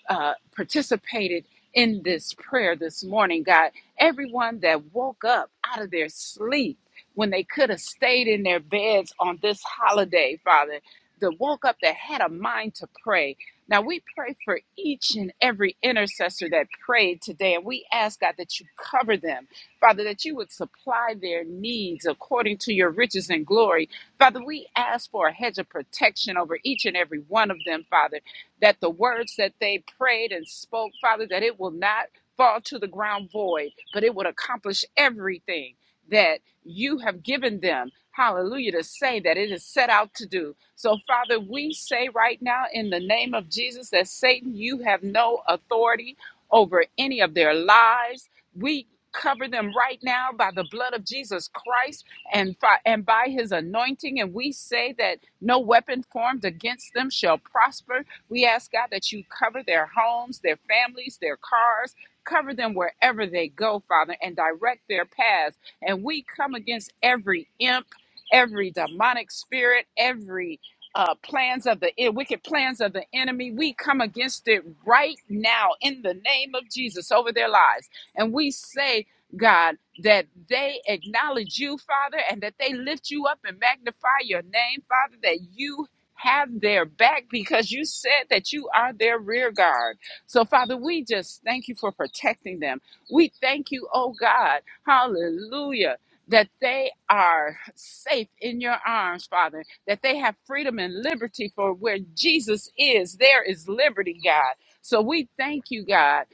Speaker 6: uh, participated in this prayer this morning, God. Everyone that woke up out of their sleep when they could have stayed in their beds on this holiday, Father, that woke up that had a mind to pray. Now we pray for each and every intercessor that prayed today, and we ask God that you cover them, Father, that you would supply their needs according to your riches and glory. Father, we ask for a hedge of protection over each and every one of them, Father that the words that they prayed and spoke, Father, that it will not fall to the ground void, but it would accomplish everything that you have given them. Hallelujah, to say that it is set out to do. So, Father, we say right now in the name of Jesus that Satan, you have no authority over any of their lives. We cover them right now by the blood of Jesus Christ and, fi- and by his anointing. And we say that no weapon formed against them shall prosper we ask God that you cover their homes, their families, their cars, cover them wherever they go, Father, and direct their paths. And we come against every imp, every demonic spirit, every uh, plans of the eh, wicked plans of the enemy. We come against it right now in the name of Jesus over their lives. And we say, God, that they acknowledge you, Father, and that they lift you up and magnify your name, Father, that you have their back because you said that you are their rear guard. So, Father, we just thank you for protecting them. We thank you, oh God, hallelujah, that they are safe in your arms, Father, that they have freedom and liberty for where Jesus is, there is liberty, God. So, we thank you, God.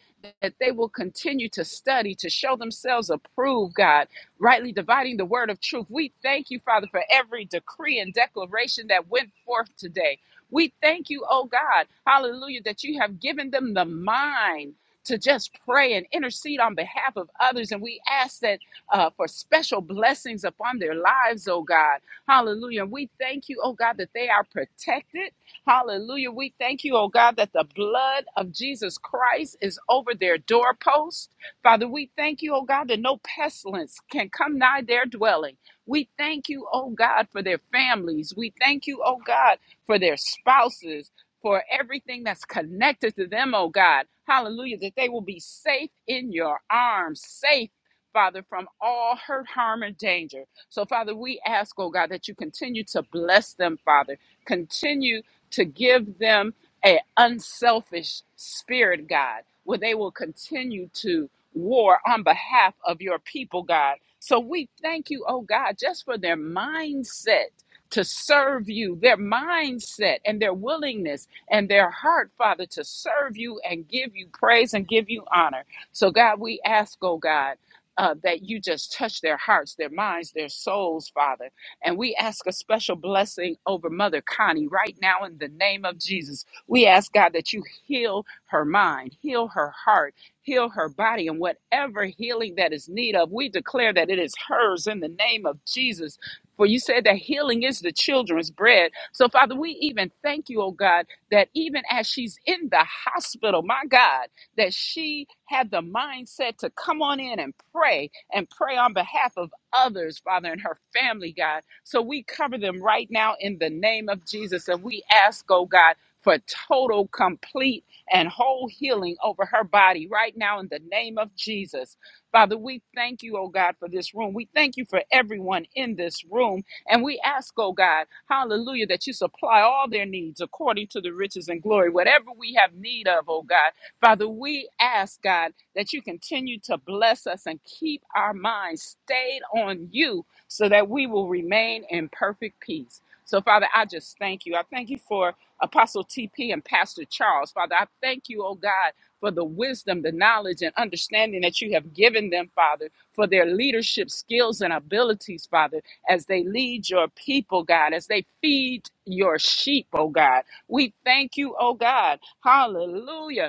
Speaker 6: That they will continue to study, to show themselves approved, God, rightly dividing the word of truth. We thank you, Father, for every decree and declaration that went forth today. We thank you, oh God, hallelujah, that you have given them the mind to just pray and intercede on behalf of others. And we ask that uh, for special blessings upon their lives, oh God. Hallelujah. And we thank you, oh God, that they are protected. Hallelujah. We thank you, oh God, that the blood of Jesus Christ is over their doorposts. Father, we thank you, oh God, that no pestilence can come nigh their dwelling. We thank you, oh God, for their families. We thank you, oh God, for their spouses, for everything that's connected to them, oh God. Hallelujah, that they will be safe in your arms, safe. Father, from all hurt, harm, and danger. So, Father, we ask, oh God, that you continue to bless them, Father. Continue to give them an unselfish spirit, God, where they will continue to war on behalf of your people, God. So we thank you, oh God, just for their mindset to serve you, their mindset and their willingness and their heart, Father, to serve you and give you praise and give you honor. So, God, we ask, oh God, uh, that you just touch their hearts, their minds, their souls, Father. And we ask a special blessing over Mother Connie right now in the name of Jesus. We ask, God, that you heal her mind, heal her heart heal her body and whatever healing that is need of we declare that it is hers in the name of jesus for you said that healing is the children's bread so father we even thank you oh god that even as she's in the hospital my god that she had the mindset to come on in and pray and pray on behalf of others father and her family god so we cover them right now in the name of jesus and we ask oh god for total complete and whole healing over her body right now in the name of Jesus. Father, we thank you, oh God, for this room. We thank you for everyone in this room. And we ask, oh God, hallelujah, that you supply all their needs according to the riches and glory, whatever we have need of, oh God. Father, we ask, God, that you continue to bless us and keep our minds stayed on you so that we will remain in perfect peace. So, Father, I just thank you. I thank you for Apostle TP and Pastor Charles. Father, I thank you, oh God, for the wisdom, the knowledge, and understanding that you have given them, Father, for their leadership skills and abilities, Father, as they lead your people, God, as they feed your sheep, oh God. We thank you, oh God. Hallelujah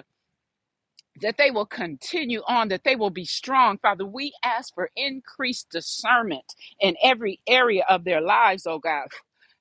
Speaker 6: that they will continue on, that they will be strong. Father, we ask for increased discernment in every area of their lives, oh God.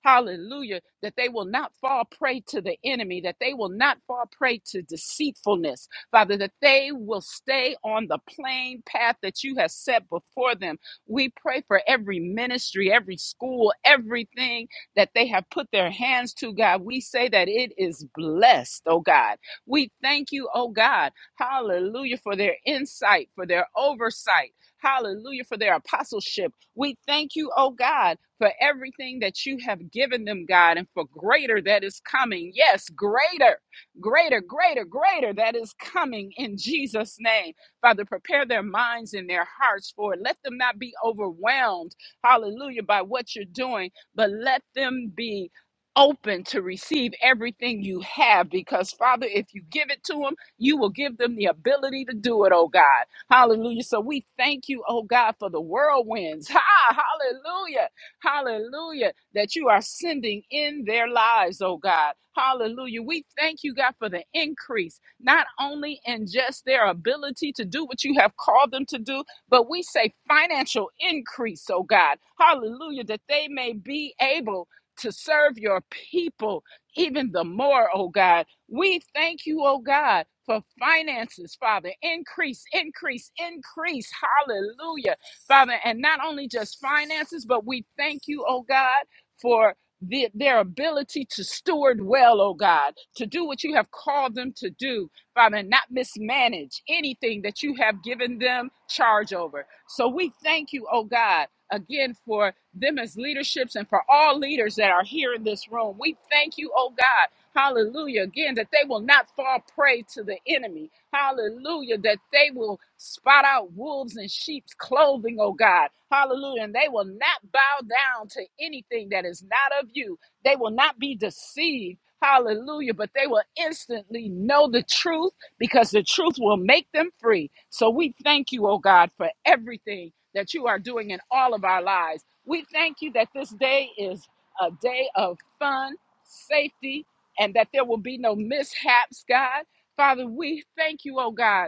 Speaker 6: Hallelujah. That they will not fall prey to the enemy, that they will not fall prey to deceitfulness. Father, that they will stay on the plain path that you have set before them. We pray for every ministry, every school, everything that they have put their hands to, God. We say that it is blessed, oh God. We thank you, oh God Hallelujah for their insight, for their oversight. Hallelujah for their apostleship. We thank you, oh God, for everything that you have given them, God, and for greater that is coming. Yes, greater, greater, greater, greater that is coming in Jesus' name. Father, prepare their minds and their hearts for it. Let them not be overwhelmed, hallelujah, by what you're doing, but let them be open to receive everything you have because father if you give it to them you will give them the ability to do it, oh God. Hallelujah. So we thank you, oh God, for the whirlwinds. Ha! Hallelujah. Hallelujah. That you are sending in their lives, oh God. Hallelujah. We thank you, God, for the increase, not only in just their ability to do what you have called them to do, but we say financial increase, oh God. Hallelujah. That they may be able to serve your people even the more, oh God. We thank you, oh God, for finances, Father. Increase, increase, increase. Hallelujah, Father. And not only just finances, but we thank you, oh God, for the, their ability to steward well, oh God, to do what you have called them to do, Father, and not mismanage anything that you have given them charge over. So we thank you, oh God, again for them as leaderships and for all leaders that are here in this room. We thank you, oh God Hallelujah. Again, that they will not fall prey to the enemy. Hallelujah. That they will spot out wolves in sheep's clothing, oh God. Hallelujah. And they will not bow down to anything that is not of you. They will not be deceived. Hallelujah. But they will instantly know the truth because the truth will make them free. So we thank you, oh God, for everything that you are doing in all of our lives. We thank you that this day is a day of fun, safety, and that there will be no mishaps, God. Father, we thank you, oh God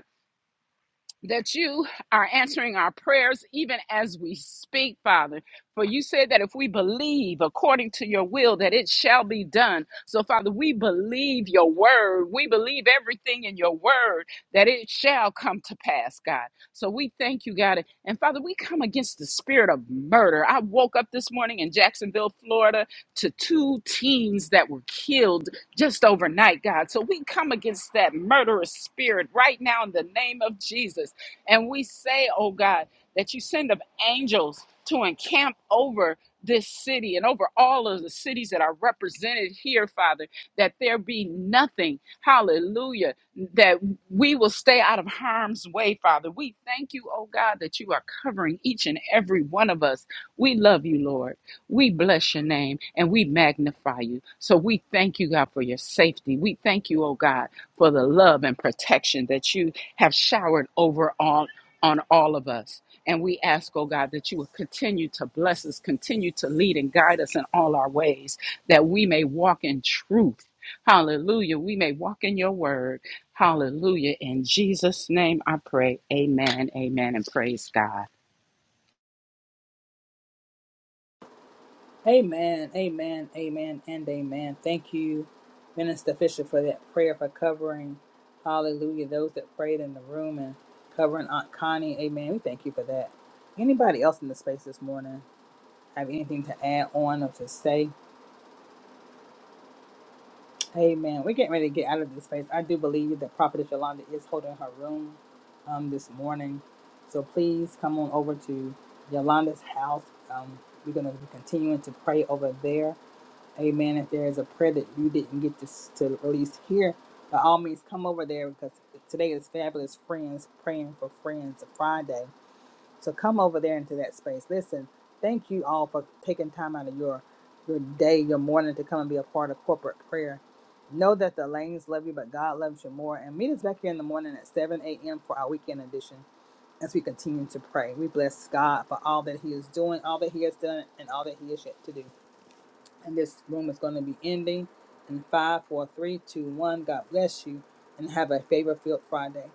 Speaker 6: that you are answering our prayers even as we speak, Father. For you said that if we believe according to your will, that it shall be done. So, Father, we believe your word. We believe everything in your word that it shall come to pass, God. So, we thank you, God. And, Father, we come against the spirit of murder. I woke up this morning in Jacksonville, Florida, to two teens that were killed just overnight, God. So, we come against that murderous spirit right now in the name of Jesus. And we say, oh God, that you send of angels to encamp over this city and over all of the cities that are represented here, Father, that there be nothing, hallelujah, that we will stay out of harm's way, Father. We thank you, oh God, that you are covering each and every one of us. We love you, Lord. We bless your name and we magnify you. So we thank you, God, for your safety. We thank you, oh God, for the love and protection that you have showered over all on all of us. And we ask, oh God, that you will continue to bless us, continue to lead and guide us in all our ways, that we may walk in truth. Hallelujah. We may walk in your word. Hallelujah. In Jesus' name I pray. Amen. Amen. And praise God.
Speaker 1: Amen, amen, amen, and amen. Thank you, Minister Fisher, for that prayer for covering, hallelujah, those that prayed in the room and covering Aunt Connie. Amen. We thank you for that. Anybody else in the space this morning have anything to add on or to say? Amen. We're getting ready to get out of this space. I do believe that Prophetess Yolanda is holding her room um, this morning. So please come on over to Yolanda's house. Um, we're going to be continuing to pray over there. Amen. If there is a prayer that you didn't get to, s- to release here, by all means, come over there because today is Fabulous Friends Praying for Friends Friday. So come over there into that space. Listen, thank you all for taking time out of your your day, your morning to come and be a part of corporate prayer. Know that the lanes love you, but God loves you more. And meet us back here in the morning at 7 a.m. for our weekend edition as we continue to pray. We bless God for all that He is doing, all that He has done, and all that He is yet to do. And this room is going to be ending in five, four, three, two, one. God bless you and have a favor filled Friday.